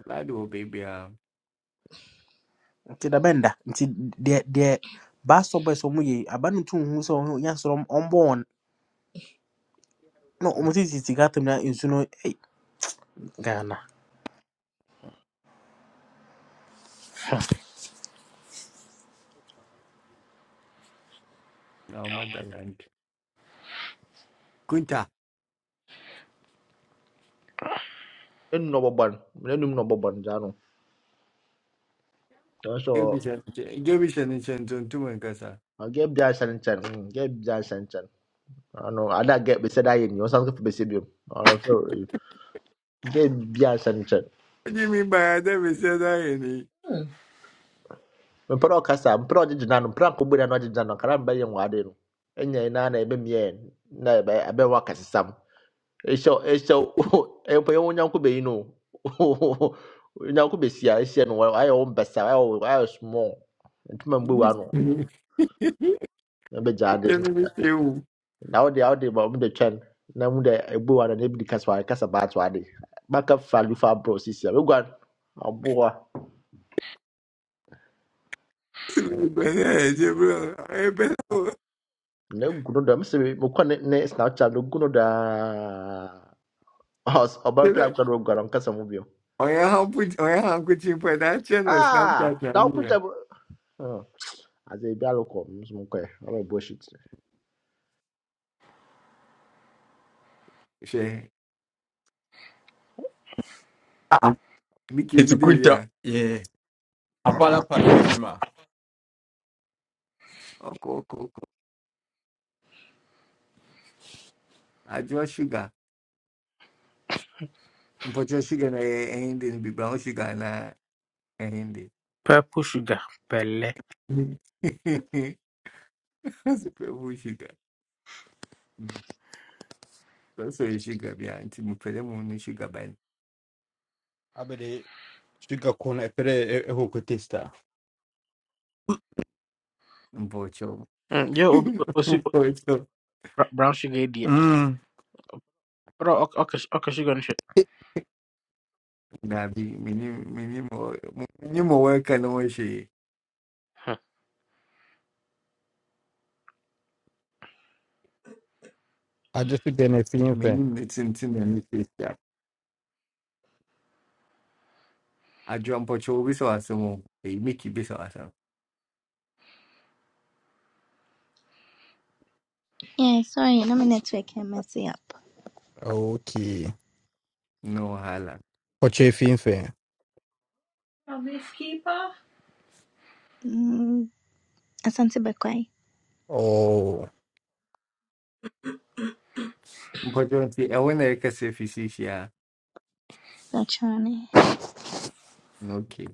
S5: laadi wɔ beebi a
S1: nti dabɛnda nti deɛ deɛ baasɔ bɛs ɔmo yɛ yi, aba no ntum hu sɛ ɔmo nya soro ɔmbɔ wɔn na ɔmo sisi sika tam na nsu no ei, Ghana
S5: na ɔmo ada land kunta
S4: en no boban le no boban ja no so
S5: jobi hyɛ ne nkyɛn jobi hyɛ ne nkyɛn tuntum nkasa
S4: I get bi asan chan get bi asan chan ano ada get beside I. ayi ni o san ko be se bi gye bia nhyɛ nkyɛn
S5: ɔgye mi ba ya dɛ besi ɛda yɛ
S1: Hmm.
S4: mepɛ dɛ ɔkasa mepɛ dɛ ɔgye gyina no mepɛ dɛ akɔbu no na ɔgye gyina no kara mbɛyɛ nwade no ɛnya yi naa na ɛbɛmiɛ na ɛbɛ- ɛbɛwɔ akasesam ɛhyɛ ɛhyɛ ɛmpa yɛ wo no nyanko bɛsi a ɛhyɛ no wɔ- ayɛ wo mbɛsa ayɛ wo ayɛ small ntoma mbu
S5: ni
S4: wa no ɛbɛgya ade
S5: sɛmi mi se ewu
S4: na wode wode ma ɔmo de twɛn na mu de ebu wa no na ebi de kasa wa kasa baatu ade fa bro sisi a wegua
S5: sɛmi bɛ ne yɛ gye bro ɔyɛ bɛ ne o
S4: No guno da msibi mukwa ne ne Snapchat no guno da. Os oba pla
S5: sɛbɛ
S4: kwa ro gwa nka samu bio.
S5: ɔyɛ hanku ɔyɛ hanku kyi mpɛ na akyɛ no wɔ
S4: Ah,
S5: snapchat na
S4: da
S5: yi
S4: kunta
S5: yɛ
S4: bro. Oh, aze bi aloko mzumko e. Ala bullshit.
S5: hwɛ mi ke
S2: It's
S5: di
S2: a
S5: de wi
S2: quinta.
S5: a
S2: Apala pala with you, ma.
S5: ɔkɔ ɔkɔ ɔkɔ adi wa sugar. Patriotshiga na aende ndibira nshiga na aende
S1: purple sugar pɛlɛ
S5: asipe ushiga basi ushiga bya nti mupere muntu ushiga bani
S2: abede sugar corn epere eho kotesta
S5: mbocho
S1: Mm, yɛ obi o- osi o-
S5: mbocho
S1: bra- brown sugar yi deɛ
S2: Mm.
S1: ɔdɔ ɔk- ɔkɛ ɔkɛ sugar no hwɛ
S5: nabi mini mini mo mini mo weka no shi
S1: Huh?
S2: adwo so de na fin fe
S5: mini nitinti na nitista ajua mbocho ubiso asemo e miki biso asem
S7: Yeah, sorry, nami network ya messy up.
S2: okay
S5: no hala
S2: poche fin fe
S1: A beekeeper?
S7: Mm, asante Bekwai.
S2: oh
S5: mbocho nti ewe na yeka se fisishia
S7: Gachane.
S5: no okay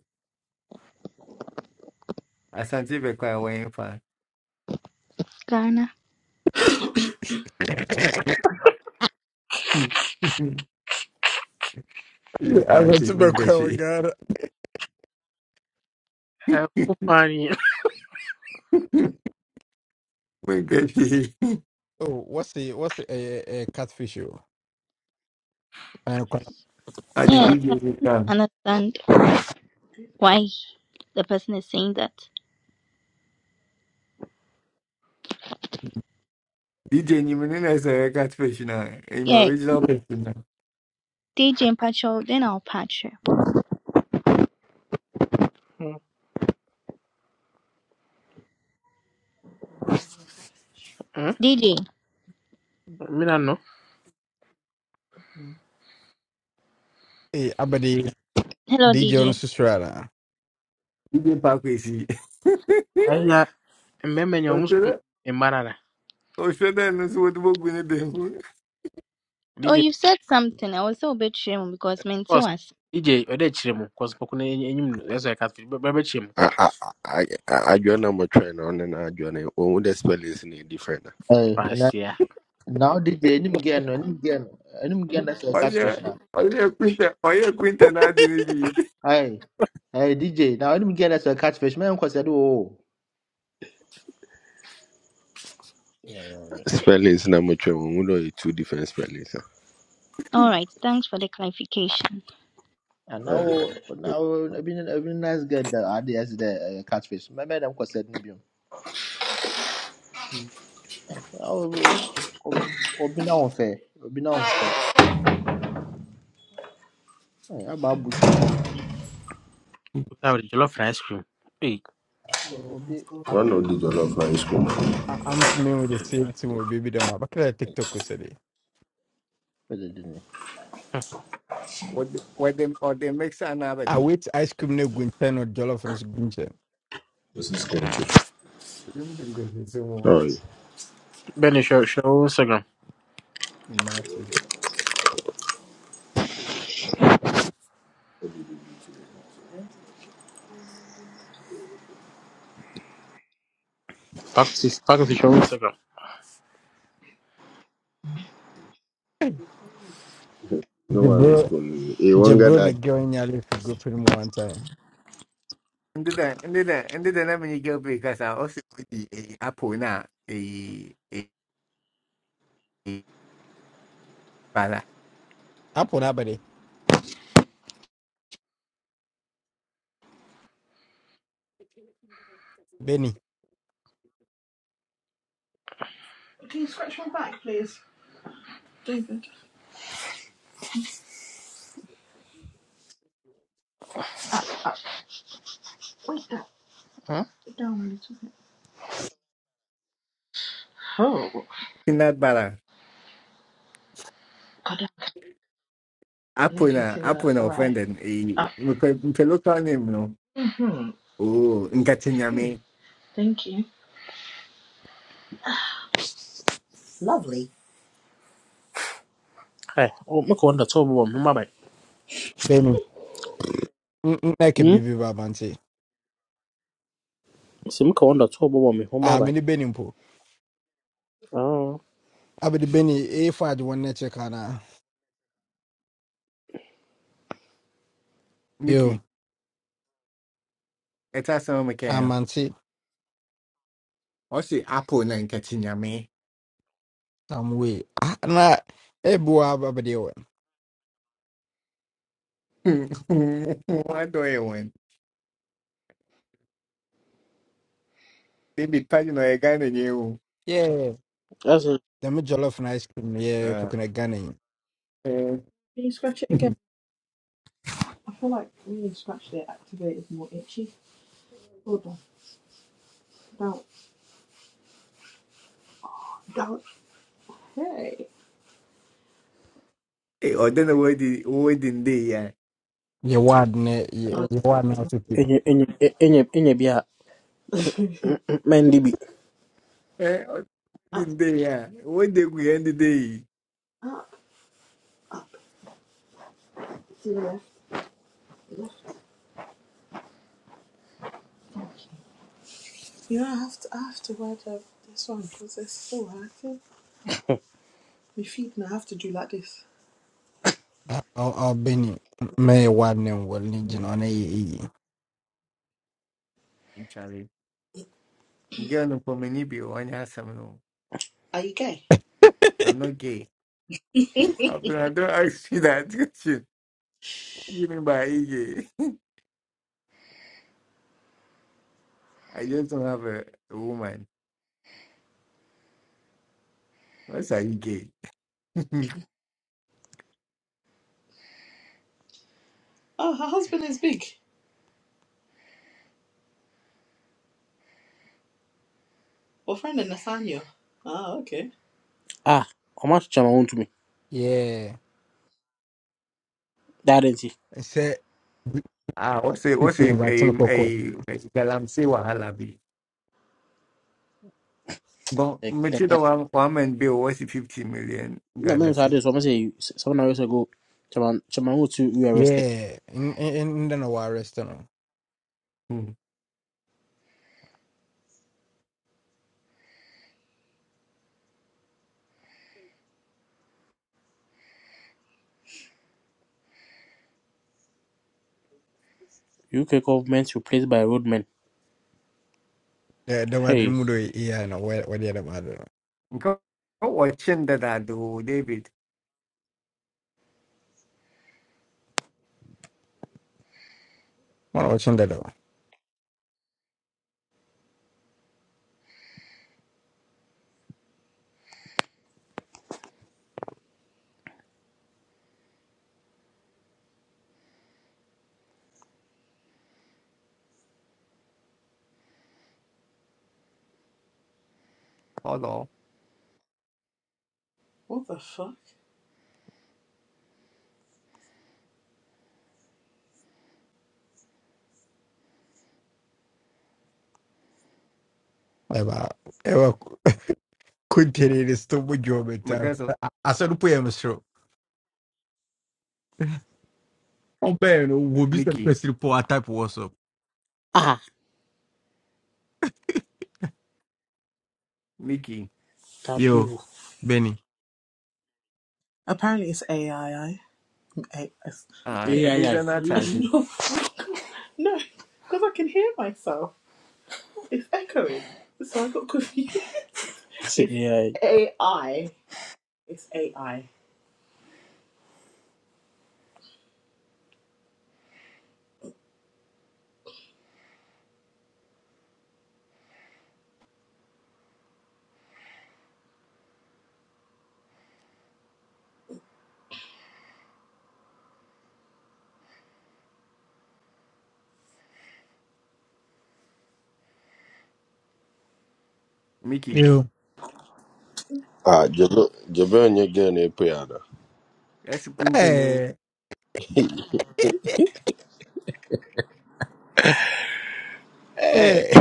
S5: asante bekwa ewe mfa
S7: Ghana.
S2: i want
S5: Wace
S2: to be
S5: mun
S2: kwa
S5: gashi.
S2: god
S1: ɛko paa ni
S5: Adi gashi.
S2: oh what's the what's the eh, eh, eh, catfish you and
S5: A di
S7: Yeah, I
S5: DJ zai kam.
S7: understand why the person is saying that.
S5: DJ ni mun ina sa ya cat professional. I'm
S7: Yeah,
S5: original professional.
S7: DJ and Pacho, then I'll patch you.
S1: Hmm?
S7: DJ.
S1: mina no
S2: eh abede
S7: Hello,
S2: dj on
S7: DJ.
S2: susrala
S5: DJ Pakwesi.
S1: ayiya mmarima nya ɔmo so
S5: Oshede.
S1: mmaa nana
S5: Oshede no so what book
S7: Oh,
S1: dj
S7: you said something. I was so a bit shame because meant to
S1: cos
S7: us.
S1: dj ɔdɛ kyerɛ mu cos pɔkɔ no enyim no ɛsɛ ɛka bɛbɛ kyerɛ mu
S3: I I I I I join I'm a train on and I join it. When the spellings in different.
S4: Hey, and I, now DJ, any again, any again, any again that's a
S5: Oye.
S4: catfish now.
S5: Oye Quinta. Oye Quinta na di ni bi.
S4: Hey, hey DJ, now any again that's a catfish. Man, cause I Oh. Yeah, yeah, yeah. yeah.
S3: Spellings na I'm a train. When we two different spellings.
S7: All right, thanks for the clarification.
S4: And
S3: Uh,
S4: now, now I've been I've been nice guy that I did as the uh, catfish. My man, I'm cause I am because i Hey, I'll be unfair. I'll unfair. Hey, how Bush?
S1: That was jollof rice cream. Hey,
S4: No, Obi.
S3: one of the jollof na is cool.
S2: i'm swimming with the
S4: Hey, I
S2: same team
S4: say,
S2: with baby them but can I
S4: hey,
S2: tiktok said
S4: better than me.
S5: Ode, ode, what them or they make an
S2: i
S5: abadi.
S2: wait ice cream no gunten or jollof no gunten
S3: This is cool too.
S5: Mun dem gashi so mo.
S3: Oh, yeah.
S1: Benny, show, show one second.
S5: Mace.
S1: Back to, back to show one second.
S3: no one is cool. He one guy
S2: Jabron
S3: that.
S2: again nearly for group him one time.
S5: Ndi da ndi da ndi da na mun yi girl break asa. Osi di Apple na. Eh. Eh. eh,
S2: Apo na abade Benny
S1: Huh? Oh,
S5: peanut butter. Apple na apple na offended. Eh, mpe mpe local name no. Oh, nkatinyame.
S1: Lovely. Hey, oh, make one the top one, home by.
S2: Benny nake
S1: Hmm?
S2: bibi babanti.
S1: See, make one the top one, me home
S2: Ah
S1: by.
S2: many Benny mpo.
S1: Oh,
S2: Abade Benny e fad one nature kana. Yo
S5: Mickey, eta so mekaya.
S2: amanti
S5: Osi apple na nkatinyame.
S2: some way. Ah na e bua abade we.
S5: What do you want? Baby, pagi no ega na nyewu.
S2: Yeah.
S1: that's it.
S2: The jollof na ice cream yeah
S5: Ah.
S2: pukuna gane.
S5: Eh, eh, odena wodi wodi ndey ya.
S2: Ye wad ne ye ye wad na to bibi.
S1: Enye enye e- enye enye bi a mendi bi.
S5: Eh, wodi
S1: Up,
S5: ndey ya. Wodi gu ya ndey.
S1: up, up. Left, left. You know, I have to, I have to wear the, this one because it's so active. My feet, and I have to do like this.
S2: Ah oh oh, Benny Mm, me ye wad ne wal ni jino na ye.
S5: Charlie, girl no pomeni bi onya asam no.
S1: Are you gay?
S5: I'm not gay. Abdul, I don't ask you that question. What do you mean by EJ? I just don't have a, a woman. What's a EJ?
S1: Oh, her husband is big. Her friend in Nathaniel. Oh, okay. Ah, ọma chicha ma won tumi.
S2: Yeah.
S1: That is it.
S2: Say
S5: ah, what's a what's
S2: people
S5: a a
S2: inviting Coco.
S5: a galamsey wahala be? But
S1: Like like
S5: Matilda
S1: that.
S5: one one man bill what's the fifty million
S1: No
S5: Ghana
S1: men say
S5: city?
S1: this. Ọma say you- s- seven hours ago. Chairman Chairman Wotu we arrested.
S2: Yeah, in in in the no worries, you know.
S5: Hmm.
S1: UK government replaced by roadmen.
S2: The the way the
S1: Hey.
S2: mood yeah, no, where where the other bad, you know.
S5: Nka- nka watching that I do David.
S2: One watching that though.
S5: Hold on,
S1: What the fuck?
S2: Eba, eba, continue this to my job it. has.
S5: because of
S2: I said, put him through. Oh, Ben, we'll be some
S5: Mickey,
S2: press report type WhatsApp.
S1: Ah,
S5: Mickey.
S1: that you.
S2: Yo, Benny.
S1: Apparently it's AII.
S5: Ah, a
S1: Yeah, yeah,
S5: business charge.
S1: no, because I can hear myself. It's echoing. So I got confused. It's It's yeah. AI. It's AI.
S5: Mickey.
S2: Yo.
S3: Ah, Jobo Jobo and your girl in prayer.
S5: That's good to name.
S2: Hey, hey,
S3: Hey,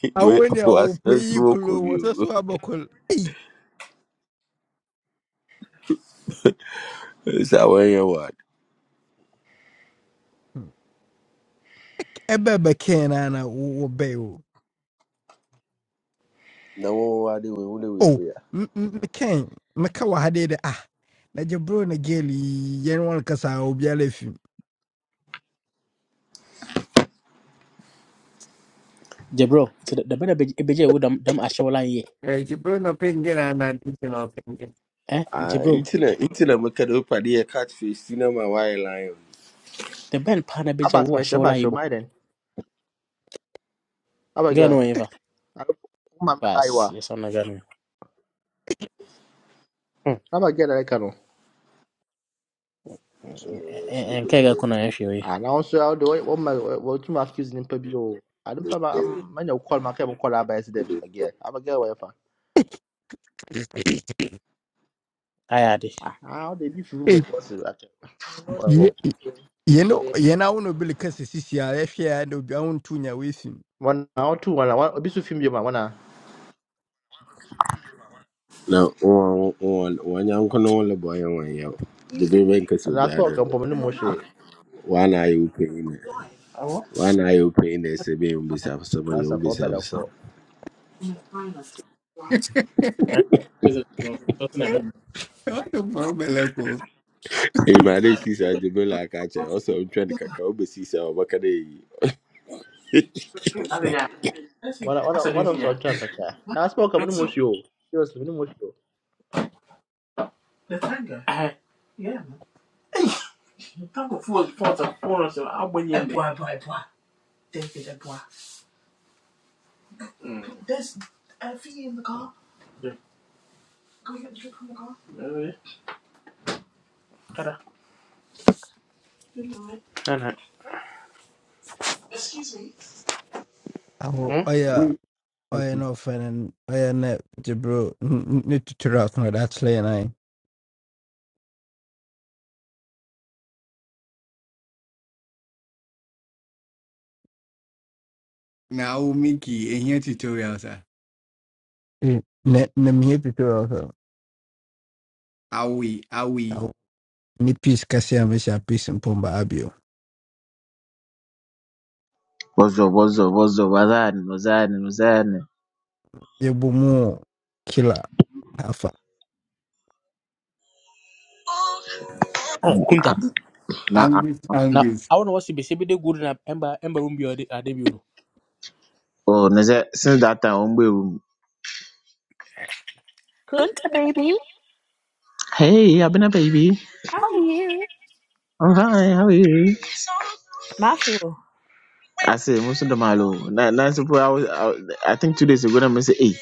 S2: I
S3: we
S2: went there, oh,
S3: was a
S2: pay you
S3: smoke
S2: cool, oh,
S3: of
S2: what's that
S3: you.
S2: so about cool? Hey,
S3: It's our way word.
S2: ebe be kenana, wo be. o.
S3: No one word we only we
S2: Oh,
S3: pray.
S2: m- m- McCain, meka wɔ ha dei ah na gye na gel yi yɛne wɔn kasa a obiara afi mu.
S1: Jabro, so the the band beje wo dam dam ashola ye.
S5: Eh, you bring up in there and I do
S1: Eh,
S3: Ah,
S1: Jabro,
S3: internet internet make it up. a catfish. Cinema wire line.
S1: the band pana
S4: How
S1: beje
S4: about
S1: wo
S4: Mercy? show. about
S1: ashola ibo.
S4: Shomai then? How
S1: Gano
S4: girl?
S1: eva.
S4: I don't know
S1: Bas, yes on gano. Hmm.
S4: girl that I can?
S1: En kega kuna yefi we.
S4: Ah, now so how do What my what you my excuse in Pebby? Oh, I don't pay my man. You call my cable call out by them again. How about girl? Whatever.
S1: Ayade.
S4: Ah, how they be from the
S2: Ei,
S4: cross? Well, well.
S2: ye- yɛne yɛne awo na obi le kasa sisi a yɛhwɛ a na obiara wo nto nya
S4: One now two one. One Obi so film you man. One ah.
S3: na wanyanko no le bɔyɛ wɔn yɛw
S1: You
S3: de bi
S1: see,
S3: bɛ nkasi
S4: And that's
S3: no
S4: what come
S3: wo
S4: from the
S1: I'm on
S4: Moshe.
S3: wana ayɛ wo panyin na
S1: live. Awo.
S3: wana ayɛ wo panyin na ɛsɛ bɛyɛ wo mbesi afosɛm ayɛ wo
S4: Master for
S3: mbesi
S4: better
S3: afosɛm
S4: call.
S1: I'm on a timer. right? Because it's you know. something that moment.
S5: What the fuck, Beleko?
S3: ɛyima de si saa de bi la aka kyerɛ ɔsɛ ɔntwɛn kakra wobɛsi saa
S4: One one
S1: That's a
S4: one of
S1: drinking,
S4: us
S1: yeah.
S4: on time kaka. Now that's what come from
S1: Drinks,
S4: the
S1: no.
S4: Moshe. Seriously, from the Moshe.
S1: The tanga. I. Yeah, man. The tanga full of pots of forest of Albany and Boy, boy, boy. Take it, boy. Mm. There's a fee in the car. Yeah. Go get the drink from the car. Yeah, yeah. Kada. Nah, nah. Excuse me.
S2: Aho
S1: Hmm?
S2: oya
S5: Wait.
S2: oya
S5: Okay.
S2: no ɔfɛ oya na gye bro ne tutura ɔso na ɔde akyerɛ yɛn ae.
S5: Now Mickey, will make it a here tutorial, sir.
S2: Ei, Na tutura ɔso.
S5: Awi, awi.
S2: Awo ne peace kɛseɛ a mehyɛ a peace mpomba abio.
S8: What's up? What's up? What's up? What's happening? What's happening? What's happening?
S2: Yebomoa kila hafla.
S1: Oh, Kunta.
S8: Nah, I-
S5: Angus,
S1: Now,
S5: Angus.
S1: I want to watch the baby. good in Ember Ember room. You are the baby.
S8: oh, is since that time, I'm with
S1: Kun,
S9: Kunta baby,
S8: Hey, I've been a baby.
S1: how are
S9: how are
S1: you?
S9: you?
S8: I'm fine. How are you?
S1: Marshall.
S8: I say, most of the malo. Now, now, suppose I was, I, I think two days ago, I say, hey,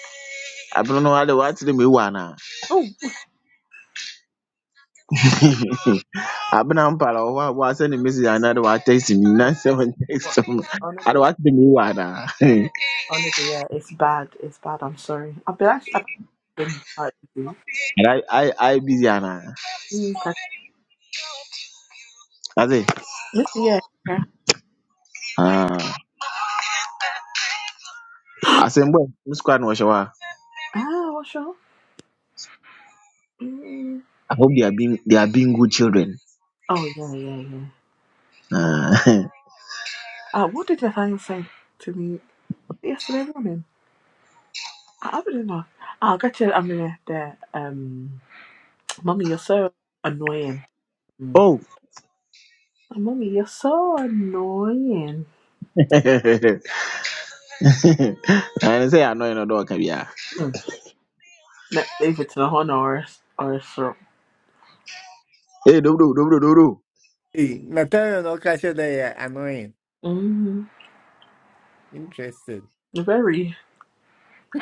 S8: I don't know how the watch the me wanna.
S1: Oh.
S8: I've been on pala. I was sending a message, another one texting me. Now, seven
S1: What?
S8: text me. I don't
S1: Honestly,
S8: watch the me wanna.
S1: honestly, yeah, it's bad. It's bad. I'm sorry. I've been actually. I've been quite busy.
S8: And I, I, I busy, Anna.
S1: Mm, okay.
S8: I say,
S1: Yes, yeah. yeah.
S8: ah, I said, boy, I'm squad, no shower.
S1: ah, what's wrong? Mm.
S8: I hope they are being, they are being good children.
S1: Oh, yeah, yeah, yeah.
S8: Ah.
S1: Uh, what did Nathaniel say to me yesterday morning? I, I don't know. I'll get you. I mean, there. Um, mommy, you're so annoying. Mm.
S8: oh
S1: Oh, mommy, you're so annoying.
S8: ɛne sɛ yɛanɔe no dɛ ɔka biaa
S1: Mm. Na- David to the honor or or so.
S8: ee dobro dobro do
S5: Hey, Natalia no catch that they are annoying.
S1: Mm,
S5: Interesting.
S1: very.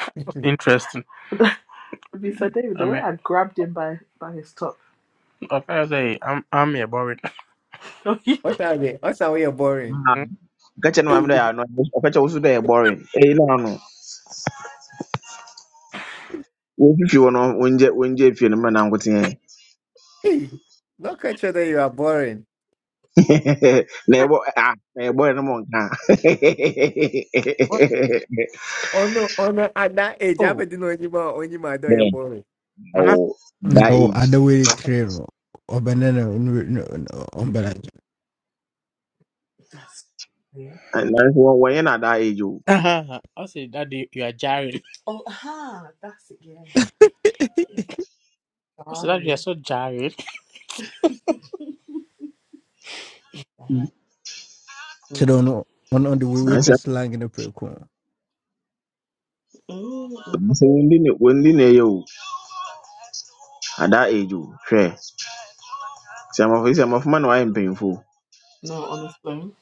S1: Interesting. They said,
S5: what
S1: David, the I'm way a, I grabbed him by, by his top. I'm trying say, I'm I'm here boring. Oh, yeah.
S5: are they? What are we are boring?
S8: Ah,
S1: Mm,
S8: ka kyɛ no maame dɛ
S5: Hey,
S8: catch ɔka kyɛ wo so dɛ yɛ boring ei na ano wɔfifi wɔ no wɔngye wɔngye fie no mmerɛ na nkoteɛ
S5: hey, no catch that you are boring.
S8: na ɛbɔ ah, na yɛ no ma ɔnka
S1: what?
S5: Oh no, oh no, at that age, I
S1: Oh,
S5: haven't known you more, only my you're
S8: Dɛn,
S5: boring.
S1: man, I
S8: awo, that
S2: No
S8: age
S2: other way trail or banana on banana.
S1: That's yeah.
S8: Ah, nanso wɔ- wɔnyɛ no at that age o
S1: I said, Daddy, you are jarring. Oh, aha, that's it, yeah. Yeah, I said, Daddy, you are sorry. so jarring. Mm.
S2: Chido no one on the way with the
S8: nanso
S2: slang in the pre-con.
S1: Mm,
S8: nanso wɔndi ne wɔndi at that age o hwɛ sɛ amafo sɛ amafo ma na wɔayɛ mpanyimfo o.
S1: No, honestly.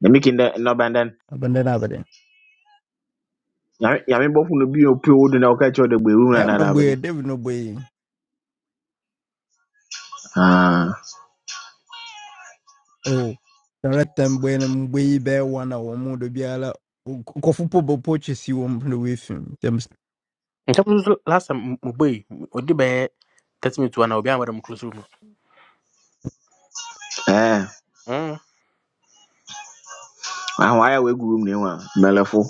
S8: na making that no bandan
S2: Abandon abandon.
S8: ya me bofu no bi opi odu na oka cho de gberu na na
S2: I'm
S8: na bari
S2: weird. There no way.
S8: ah
S2: Oh, Jonathan Buenum way bear one hour more the biala. Kofu Pobo purchase you on the way film. Them
S1: In terms of last time, my boy, what did I thirty minutes to an hour? I'm close room.
S8: eh
S1: Hmm.
S8: ahụ aya wee gwuru m na ịnwa melefụ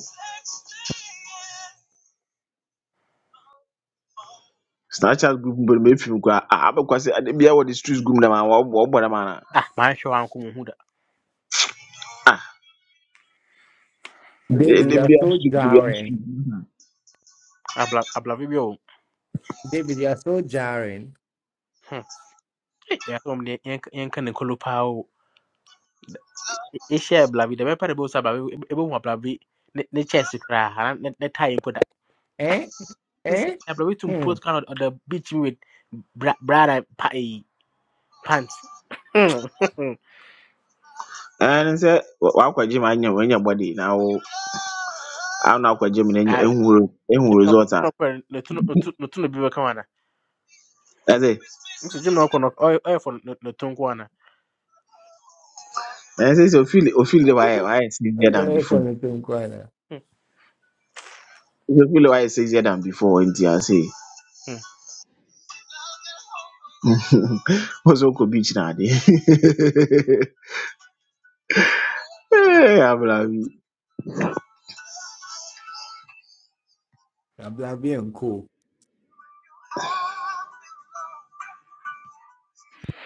S8: snapchat group mbere m efim kwa abụkwasị adịbịa wọ the streets group na ma ọ bụ- ọ gbara m na
S1: Ah, my show, I'm coming. Who that?
S8: ah
S5: David, you are
S8: adịbịa
S5: so
S8: street dịbịa
S5: jarring.
S8: street
S1: Abla, abla, video.
S5: David, you are so jarring.
S1: ya so mde yanka yanka ne kolo pawo e share blabi da mepare bo sa blabi e bo wa blabi ne ne chest kra ha ne ne tie mpo da
S5: Eh?
S1: sisi
S5: Eh?
S1: ya blabi tum
S5: Hmm.
S1: post kan on the beach with bra bra da pa e pants Hmm.
S8: ee nsị wakwaji m anya onye gbadi na awụ anụ akwaji m na enyo
S1: ah
S8: enwuru
S1: jim
S8: enwuru
S1: no
S8: result a
S1: jim no kwa no tun no tun bi ka wana
S8: eze
S1: nsi jim no kwa no oy oy for no tun kwa na
S8: nsị sị ofili ofili why why is
S5: That's
S8: easier than
S5: very
S8: before
S5: funny thing,
S8: So feel why is easier than before nti ase
S1: mm
S8: What's Uncle Beach now? there? hey, I'm like,
S5: I'm, I'm being cool.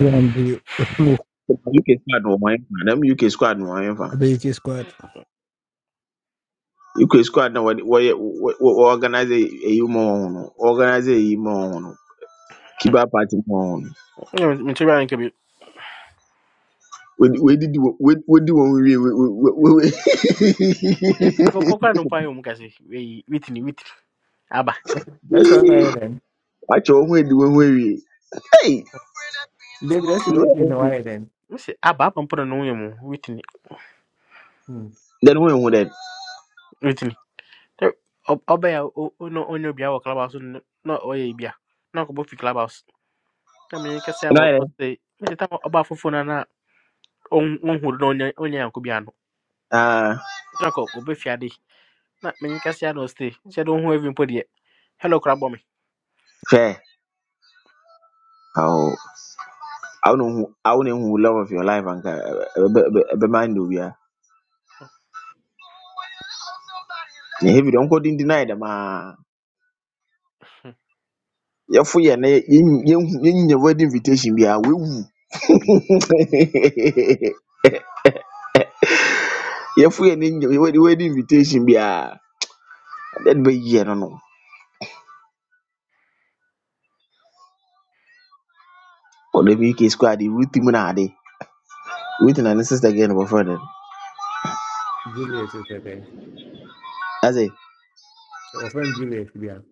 S2: And the Otmo
S8: UK squad no one fan. Them UK squad no one fan.
S2: Abeke squad.
S8: UK squad no what what organize a you more organize a you more Kiba party more.
S1: mi chiba nke bi
S8: We we did we we do one we we we we.
S1: e e bo pokra no pa yo mu kasi e witini witini aba
S5: That's on
S8: we-
S5: Ireland.
S8: Watch your we do one we. Hey,
S5: David, that's the Whitney in
S8: then
S5: Ireland.
S1: nsi aba apa mpo na no yemu witini
S5: Hmm.
S8: we who that?
S1: witini. Tɛ- ɔ- ɔbɛn a o- o- na ɔnyɛ obiara wɔ clubhouse no na ɔyɛ bi a na akɔbɔ fi clubhouse na menyɛ kɛsɛ a
S8: You know that?
S1: ɔsɛ mese tam ɔba foforɔ no na ɔhuru na ɔnyɛ ɔnyɛ anko bia no
S8: Ah,
S1: na kɔ ɔbɛfia de na menyɛ kɛsɛ a na ɔsɛ sɛ de wohu avi mpo deɛ hello kora bɔ me
S8: fair. Oh. I do not who I do not who love of your life and be mind of ya. Na heavy don't go din deny them ah. Ya fu ya na yin your wedding invitation be a we wu. Ya fu ya na yin wedding invitation be a that be ye no no. Or the UK squad the root team na ade. Ruth na ne sister again of friend.
S5: Juliet was there.
S8: As a
S5: Our friend Juliet, we are.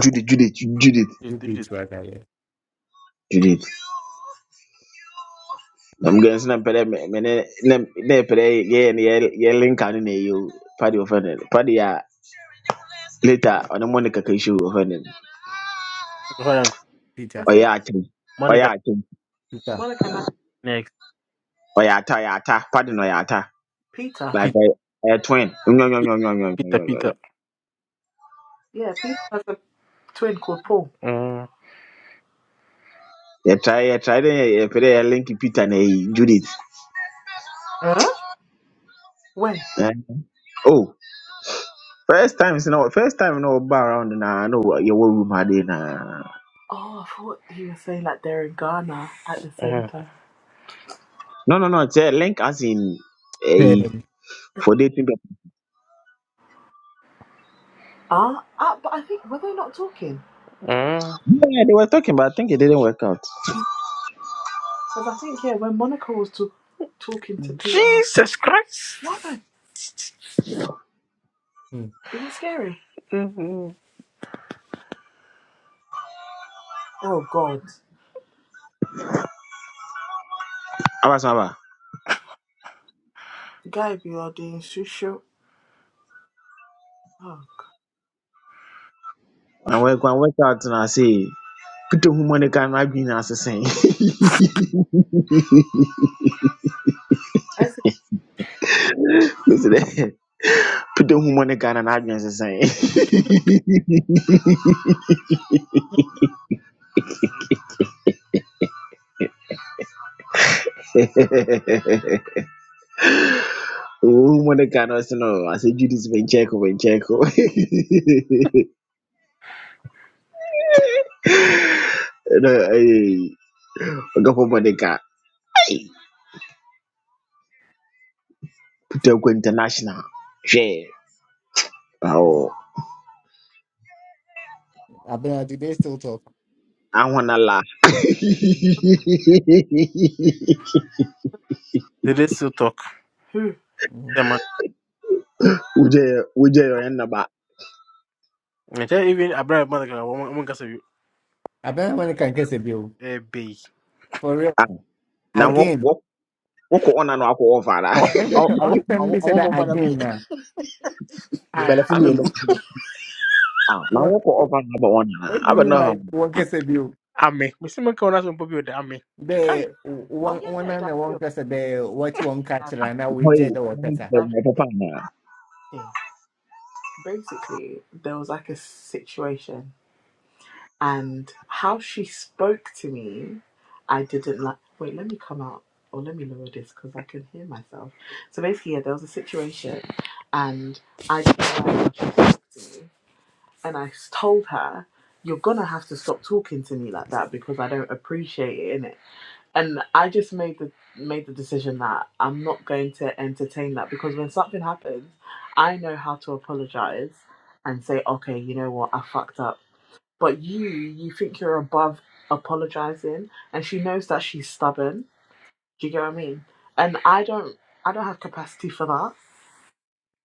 S8: Judith Judith
S1: This
S8: Judith
S1: is- this is-
S5: Juliet was there.
S8: Judith. I'm going to pere me me ne ne pere ye ne ye you anu ne yo. Party of friend. Party ya Later, on the Monica can show her name.
S1: Hold on.
S5: Peter.
S1: That's it.
S8: Oyata,
S1: monica
S8: Oyata,
S5: Peter.
S1: monica na- next
S8: Oyata, Oyata, pardon Oyata.
S1: peter
S8: Like
S1: peter
S8: a, a twin. No, no, no, no, no, no,
S1: peter
S8: no, no.
S1: peter yeah peter has a twin called paul mm.
S8: You try, you try, you play a linky Peter and a Judith.
S1: huh when
S8: Eh, Oh, first time, you know, first time, you know, bar around and I know your war room had in. uh,
S1: oh i thought he was saying like they're in ghana at the same time
S8: No, no, no, it's a link as in a for dating. but-
S1: Ah, ah, but I think were they not talking? Mm.
S8: Yeah, they were talking, but I think it didn't work out.
S1: Because I think yeah, when Monica was to, talking to Peter, Jesus Christ. what
S5: Hmm.
S1: Is it scary? hmm Oh God,
S8: I was never.
S1: guy, you are doing social. Oh,
S8: I work, I work out, and I say, put the Monica and I've been as the same.
S1: I said,
S8: Put the money in Ghana and Adrian saying. Woman in Ghana say no. I say Judas Bencheko Bencheko. No, hey, I got for money car. Hey, put the go international. Share. Oh,
S5: Abena, did they still talk?
S8: I wanna laugh. Uje,
S1: They did still talk. who?
S5: Mm-hmm.
S1: Yeah, man.
S8: uje yo yen naba.
S1: I tell you, even Abraham Monica, I want to say,
S5: Abena, when you can get a bill?
S1: eh, bay.
S5: For real.
S8: Ah, na wo
S5: Again.
S8: wo wokɔ ɔna no akɔ ɔfa da
S1: Oh,
S5: Man,
S1: I
S5: just on time they
S1: want
S5: said that
S1: more brother.
S5: again now. Ah,
S1: Bella for me.
S8: abɛ ah na
S5: what,
S8: wokɔ ɔfa no abɛ ɔna
S5: what do you
S8: abɛ
S5: mean
S8: no hɔ
S5: by one gets a bill?
S1: Ame. Mr. Monica, I'm not going to be with Ame. Who? Kai.
S5: The
S1: Oh
S5: one
S1: yeah,
S5: one
S1: yeah,
S5: and the one
S1: Davio,
S5: person the what one catcher and now we
S8: hɔ yi
S5: jet the
S8: na wo
S5: water.
S8: ntɛ wo
S1: Davio,
S8: na.
S1: basically there was like a situation and how she spoke to me i didn't like wait let me come out or let me lower this because i can hear myself so basically yeah there was a situation and i didn't like how she spoke to me and i told her you're gonna have to stop talking to me like that because i don't appreciate it innit?" and I just made the made the decision that I'm not going to entertain that because when something happens, I know how to apologize and say, okay, you know what, I fucked up. But you, you think you're above apologizing, and she knows that she's stubborn. Do you get what I mean? And I don't, I don't have capacity for that.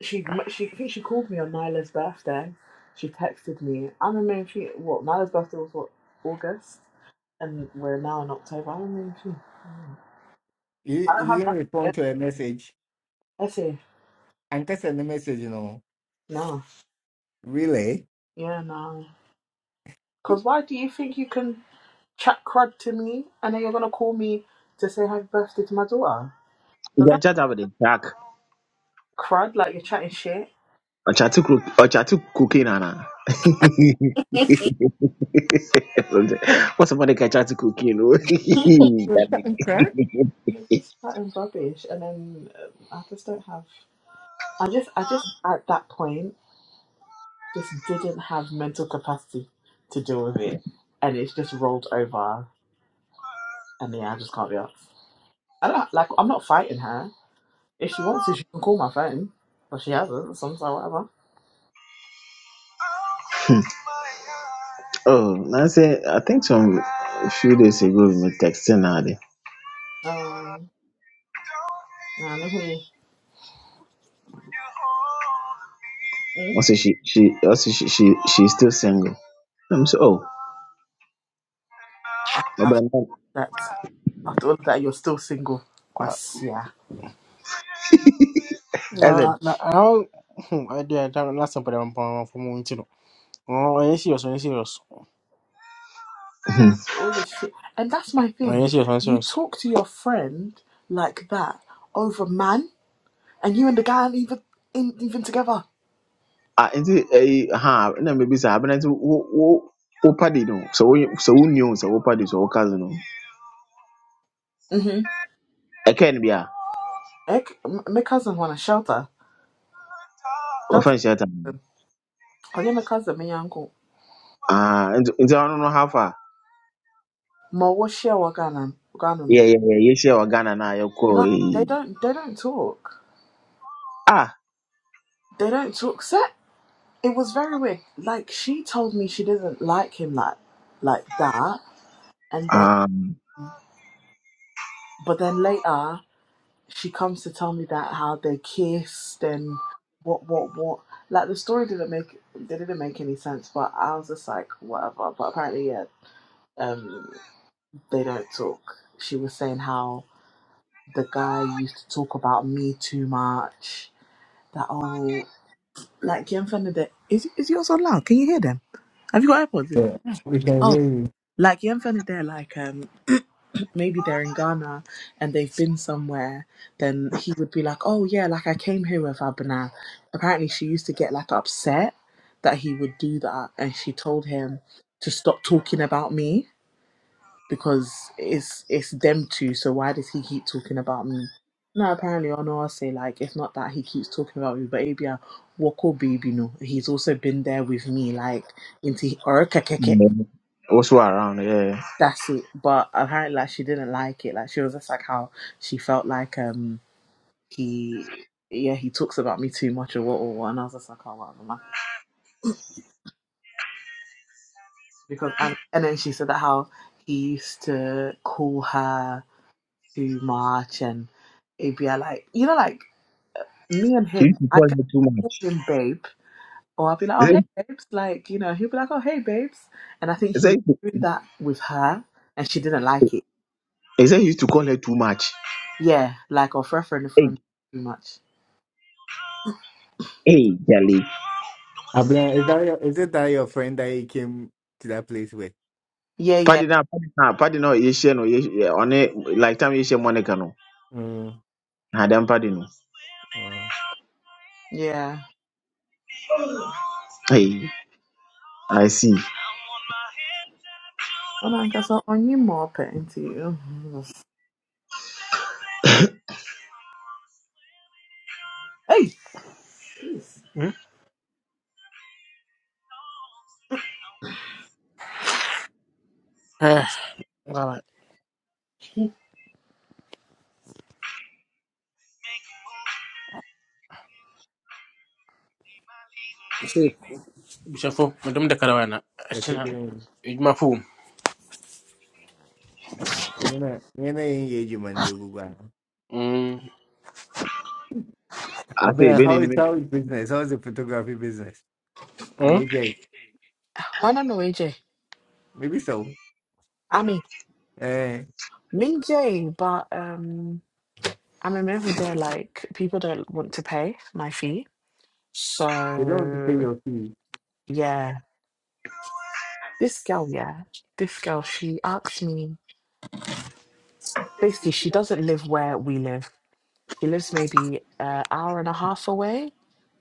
S1: She, she, I think she called me on Nyla's birthday. She texted me. I remember she, what Nyla's birthday was what August, and we're now in October. I remember she.
S5: You,
S1: I don't
S5: you
S1: have
S5: didn't
S1: nothing
S5: respond to a message.
S1: Effie,
S5: And that's the message, you know.
S1: no.
S5: Really?
S1: Yeah, no. Because why do you think you can chat crud to me and then you're going to call me to say happy birthday to my daughter? Does
S8: Ugya
S1: that
S8: nkyɛ ta abɛ de jack
S1: crud like you're chatting shit?
S8: ɔkyate kuro ɔkyate cocaine ana. What's somebody can try to cook, you know?
S5: Was
S8: That
S5: that
S8: thing.
S5: incorrect?
S1: You're just chatting rubbish and then um, I just don't have. I just, I just at that point just didn't have mental capacity to deal with it and it's just rolled over and yeah, I just can't be asked. I don't like, I'm not fighting her. If she wants to, she can call my phone, but she hasn't, so I'm just like, whatever.
S8: oh, I say I think some a few days ago we were texting her.
S1: Um, and if we Mm.
S8: Also, she she also she she she's still single. I'm so oh, but
S1: After
S8: I'm not-
S1: that, after all that, you're still single. Uh, That's yeah.
S8: I said
S1: na na how I did not last time, but I'm born from Montino. Oh, I ain't serious, I ain't serious,
S8: hmm.
S1: All this shit, and that's my I thing. ain't serious, I ain't You serious. talk to your friend like that over man, and you and the guy aren't even in, even together.
S8: ah, is it a ha? No, maybe so. But I said wo wo wo party no. So wo so wo new so wo party so wo cousin no.
S1: Mhm.
S8: I can't be a
S1: Ek, m- my cousin want to shelter. Shelter.
S8: offense yet.
S1: Oh yeah, my cousin, my uncle.
S8: Ah, into into I don't know how far.
S1: Ma what share Ghana? Ghana no.
S8: Yeah
S1: No,
S8: yeah yeah. You share Ghana now. You call
S1: Nah, they
S8: eh.
S1: don't. They don't talk.
S8: eh.
S1: They don't talk. it was very weird. Like she told me she didn't like him like like that, and then
S8: ah um.
S1: but then later she comes to tell me that how they kissed and what what what. Like the story didn't make they didn't make any sense, but I was just like whatever. But apparently, yeah, um, they don't talk. She was saying how the guy used to talk about me too much. That oh, like Jen Fender, is is yours on loud? Can you hear them? Have you got AirPods in?
S5: Yeah, we can
S1: Oh.
S5: hear you.
S1: Like Yenfone there, like um maybe they're in Ghana and they've been somewhere, then he would be like, Oh yeah, like I came here with Abana. Apparently she used to get like upset that he would do that and she told him to stop talking about me because it's it's them two, so why does he keep talking about me? No, apparently Honor say like it's not that he keeps talking about me, but Abia Woko Baby no. He's also been there with me, like into or
S8: Also around, yeah.
S1: That's it. But apparently, like, she didn't like it. Like, she was just like how she felt like um he, yeah, he talks about me too much or what or what. And I was just like, oh, whatever, man. Because I and then she said that how he used to call her too much, and it'd be uh, like, you know, like me and
S8: She used
S1: him,
S8: to
S1: I
S8: call
S1: can
S8: her too much.
S1: call him babe, or I'd be like,
S8: He
S1: oh hey
S8: said,
S1: babes, like you know, he'd be like, oh hey babes, and I think
S8: he
S1: he
S8: said,
S1: was doing that with her, and she didn't like it.
S8: he used to call her too much.
S1: Yeah, like or referring the
S8: Hey,
S1: phone too much.
S8: hey, Jali.
S5: Abla, is that your, is it that your friend that he came to that place with?
S1: Yeah, yeah.
S8: Padi na, padi na, padi no, Asian or on it. like time Asian Monica no.
S5: Mm.
S8: Had pardon no.
S5: Wow.
S1: Yeah.
S5: Mm.
S8: Hey, I see.
S1: Ɔnankasa ɔnye ma ɔpɛ nti. mhm. Ei! Hmm? Eh, ngala. Si, bushafo, madam da karawana.
S5: Better
S1: Ashina,
S5: be on.
S1: ijma fu.
S5: You know, you know, engage man, you go back.
S1: Mm.
S8: I say,
S5: Abla, how is
S8: Ben
S5: how is business? How is the photography business? I
S1: Hmm?
S5: mean, yeah,
S9: Juana no AJ.
S5: maybe so.
S1: I
S9: I
S1: mean,
S9: mean,
S5: Eh,
S1: me,
S9: Ming J, but um, I'm
S1: I
S9: a
S1: don't
S9: man who
S1: know.
S9: they're like, people don't want to pay my fee.
S5: they don't want to pay
S9: So,
S5: your fee.
S9: yeah, this girl, yeah, this girl, she asked me,
S1: I did
S9: basically, she doesn't live where we live. She lives
S1: what
S9: maybe an hour and a half away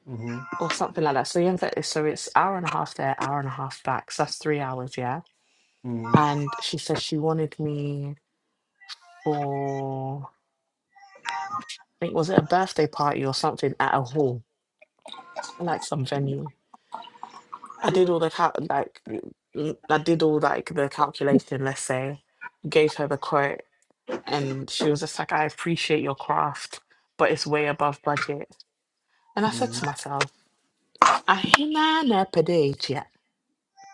S5: Mm-hmm.
S9: or something like that. So, yeah, that is- so it's hour and a half there, hour and a half back. So that's three hours, yeah.
S5: Mm-hmm.
S9: And she says she wanted me for. think was it a birthday party or something at a hall, like some venue.
S1: I
S9: I did all
S1: did,
S9: the cal- like mm, mm, I did all like the calculation. Let's say, gave her the quote,
S1: and
S9: and she was just like, "I appreciate your craft, but it's way above budget." And I said to myself, "I
S1: I
S9: hina na pedage yet."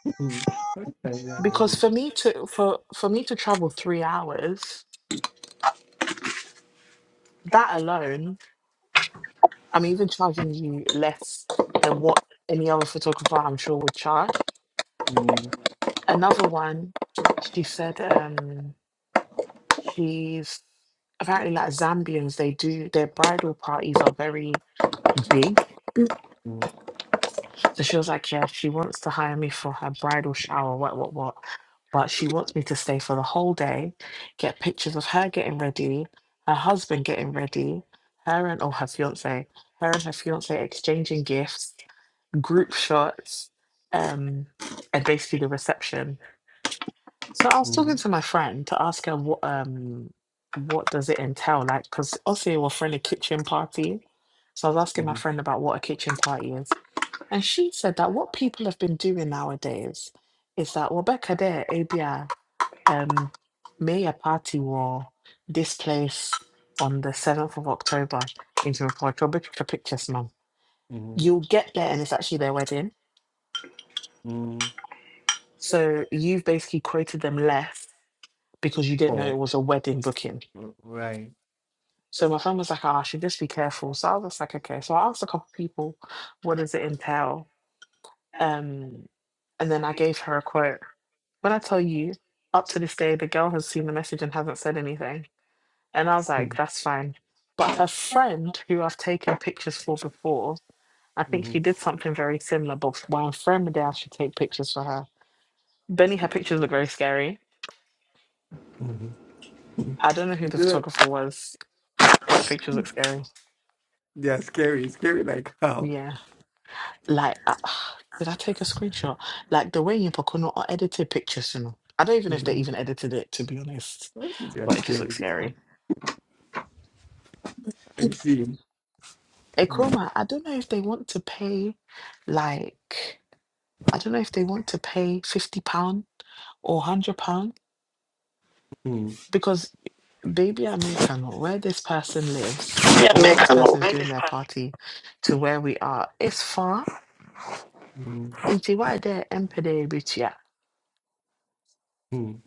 S5: Mm-hmm. What's
S9: Because for
S5: that?
S9: me to for for me to travel three hours, that
S1: that
S9: alone,
S1: I
S9: I'm even
S1: mean,
S9: charging you less than what any other photographer I'm sure would charge
S5: Mm-hmm.
S9: another one, she said um,
S1: she.
S9: she's apparently like Zambians, they do their bridal parties are very big.
S5: Mm-hmm.
S9: So she was like, Yeah, she wants to hire me for her bridal shower, what, what, what. But she wants me to stay for the whole day, get pictures of her getting ready, her husband getting ready, her and or her fiance, her and her fiance exchanging gifts, group shots, um, and basically the reception. So I was talking to
S5: Mm-hmm.
S9: my friend to ask her what um what does it entail like because obviously we're throwing a kitchen party. So I was asking my friend about what a kitchen party is, and she said that what people have been doing nowadays is that well, back there, ABI um made a party war this place on the seventh of October into a picture pictures mum.
S5: Mm-hmm.
S9: You'll get there and it's actually their wedding.
S5: Mm-hmm.
S1: So
S9: So you've basically quoted them less because you didn't know
S5: Oh,
S9: it was a wedding booking.
S5: right.
S9: So my friend was like, oh, I should just be careful. So I was just like, okay. So I asked a couple people, what does it entail?
S1: I
S9: Um, and then I gave her a quote. When I tell you, up to this day, the girl has seen the message and hasn't said anything. And I was like, that's fine. But her friend, who I've taken pictures for before, I think she
S5: Mhm.
S9: did something very similar, but while I'm friend day, I should take pictures for her. Benny, her pictures look very scary.
S5: Mhm. You
S9: I
S1: don't
S9: don't know who the
S5: do
S9: photographer was, but the pictures look scary.
S5: They are scary. Scary like how?
S9: Yeah. like uh, did I take a screenshot? Like the way you Pocono are edited pictures, you know. I don't even know if they
S5: Mhm.
S9: even edited it to be honest,
S5: They are
S9: but it just looks
S5: scary.
S9: scary.
S5: I see.
S9: Hey,
S5: Mm,
S9: Chroma, I don't know if they want to pay, like, I don't know if they want to pay fifty pound or one hundred pound
S5: mm,
S9: because baby Americano, where this person lives
S1: know. Yeah,
S9: or where
S1: make
S9: this person is doing their party, to where we are, it's far.
S5: mm,
S9: Inti why there
S5: mm.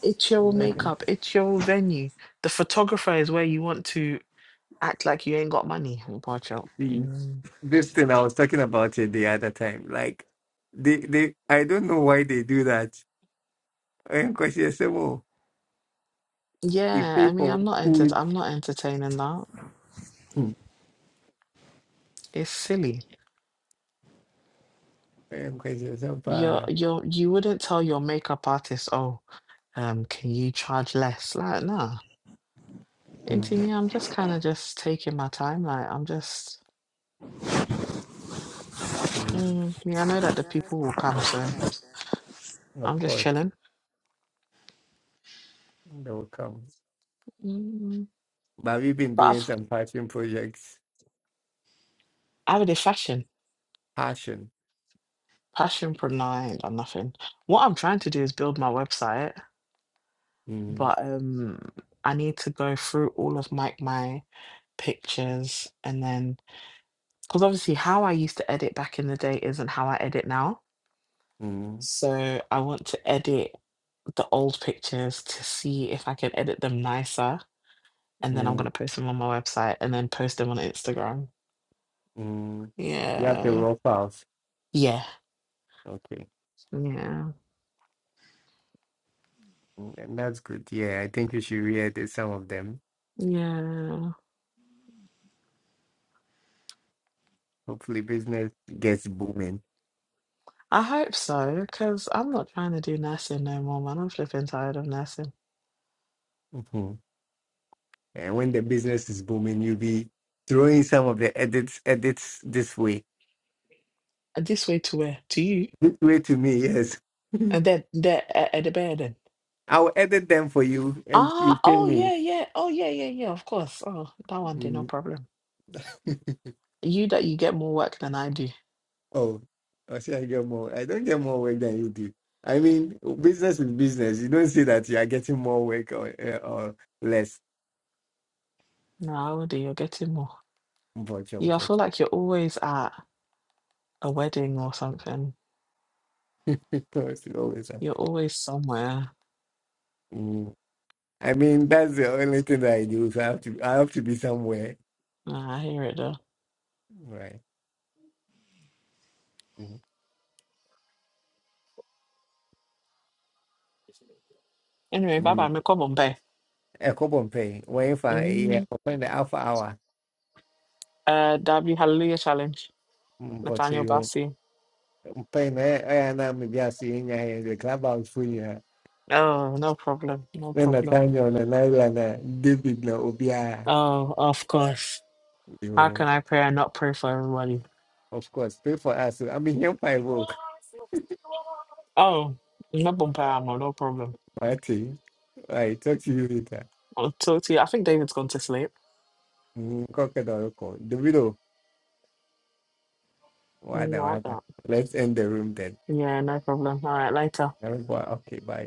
S9: It's your
S5: Why don't
S9: makeup, it's your venue. The photographer is where you want to act like you ain't got money. Watch out.
S5: you see?
S9: Mm.
S5: This thing I was talking about it the other time. Like they, they I don't know why they do that. And question yourself, oh, you
S9: Yeah,
S5: pay
S9: I mean,
S5: for
S9: I'm not enter
S5: food.
S9: I'm not entertaining that.
S5: Mm.
S9: It's silly.
S5: And question yourself,
S9: You're
S5: uh,
S9: you're you wouldn't tell your makeup artist, oh, um, can you charge less? Like, nah. Into
S5: mm,
S9: me, I'm just kind of just taking my time. Like, I'm just,
S5: mm,
S9: mm, yeah, I know that the people
S1: a
S9: will come, so
S1: lot.
S5: of
S9: I'm just
S5: course,
S9: chilling.
S5: they will come.
S9: Mm.
S5: But we've been
S9: But
S5: doing
S9: I've,
S5: some passion projects.
S9: I would in fashion.
S5: Passion.
S9: Passion Pro 9 or nothing. What I'm trying to do is build my website,
S5: Mm,
S9: but um I need to go through all of my my pictures and then because obviously how I used to edit back in the day isn't how I edit now. So I want to edit the old pictures to see if I can edit them nicer and then I'm
S5: mm,
S9: gonna post them on my website and then post them on Instagram.
S5: Mm, you have the
S9: Yeah.
S5: raw files.
S9: Yeah.
S5: Okay.
S9: Yeah.
S5: Mm, and That's good. Yeah, I think you should re-edit some of them.
S9: Yeah.
S5: Hopefully business gets booming.
S9: I hope so, because I'm not trying to do nursing no more, man. I'm flipping tired of nursing.
S5: hmm And when the business is booming, you'll be throwing some of the edits edits this way.
S9: And This way to where? To you.
S5: This way to me, yes.
S9: And then there at, at the bed then.
S5: I'll edit them for you and you
S9: Ah,
S5: pay
S9: oh
S5: me.
S9: yeah, yeah. Oh yeah, yeah, yeah, of course. Oh, that one day, no
S5: Mm.
S9: problem. You that you get more work than I do.
S5: Oh, I see I get more. I don't get more work than you do. I mean, business is business. You don't see that you are getting more work or, uh, or less.
S9: No, I would do, you're getting more. You I feel like you're always at a wedding or something.
S5: Because you always have-
S9: You're always somewhere.
S5: Mm. I mean, that's the only thing that I do. So I have to, I have to be somewhere,
S9: Nah, I hear it though.
S5: right? Mm.
S9: Anyway, bye bye,
S5: Mm.
S9: me come on, bae.
S5: A couple of pay. When if I yeah,
S9: Mm.
S5: open the half hour,
S9: Uh W Hallelujah Challenge.
S5: Mm, but
S9: Nathaniel
S5: you
S9: Bassi.
S5: pay me. I'm just in here, the clubhouse for you.
S9: Oh, no problem. No
S5: Then the
S9: problem.
S5: time you're on an island, uh, David na obia.
S9: Oh, of course. How
S5: You
S9: can I pray and not pray for everybody?
S5: of course pay for us. I mean, here I work.
S9: Oh, no bumper ammo, no problem.
S5: Marty, I talk to you later.
S9: I'll talk to you. I think David's gone to sleep.
S5: Mm, Crocodile, Davido,
S9: Mm,
S5: wada
S9: Like
S5: wada.
S9: that.
S5: Let's end the room then.
S9: Yeah, no problem. All right, later.
S5: Eric Boy, okay, bye.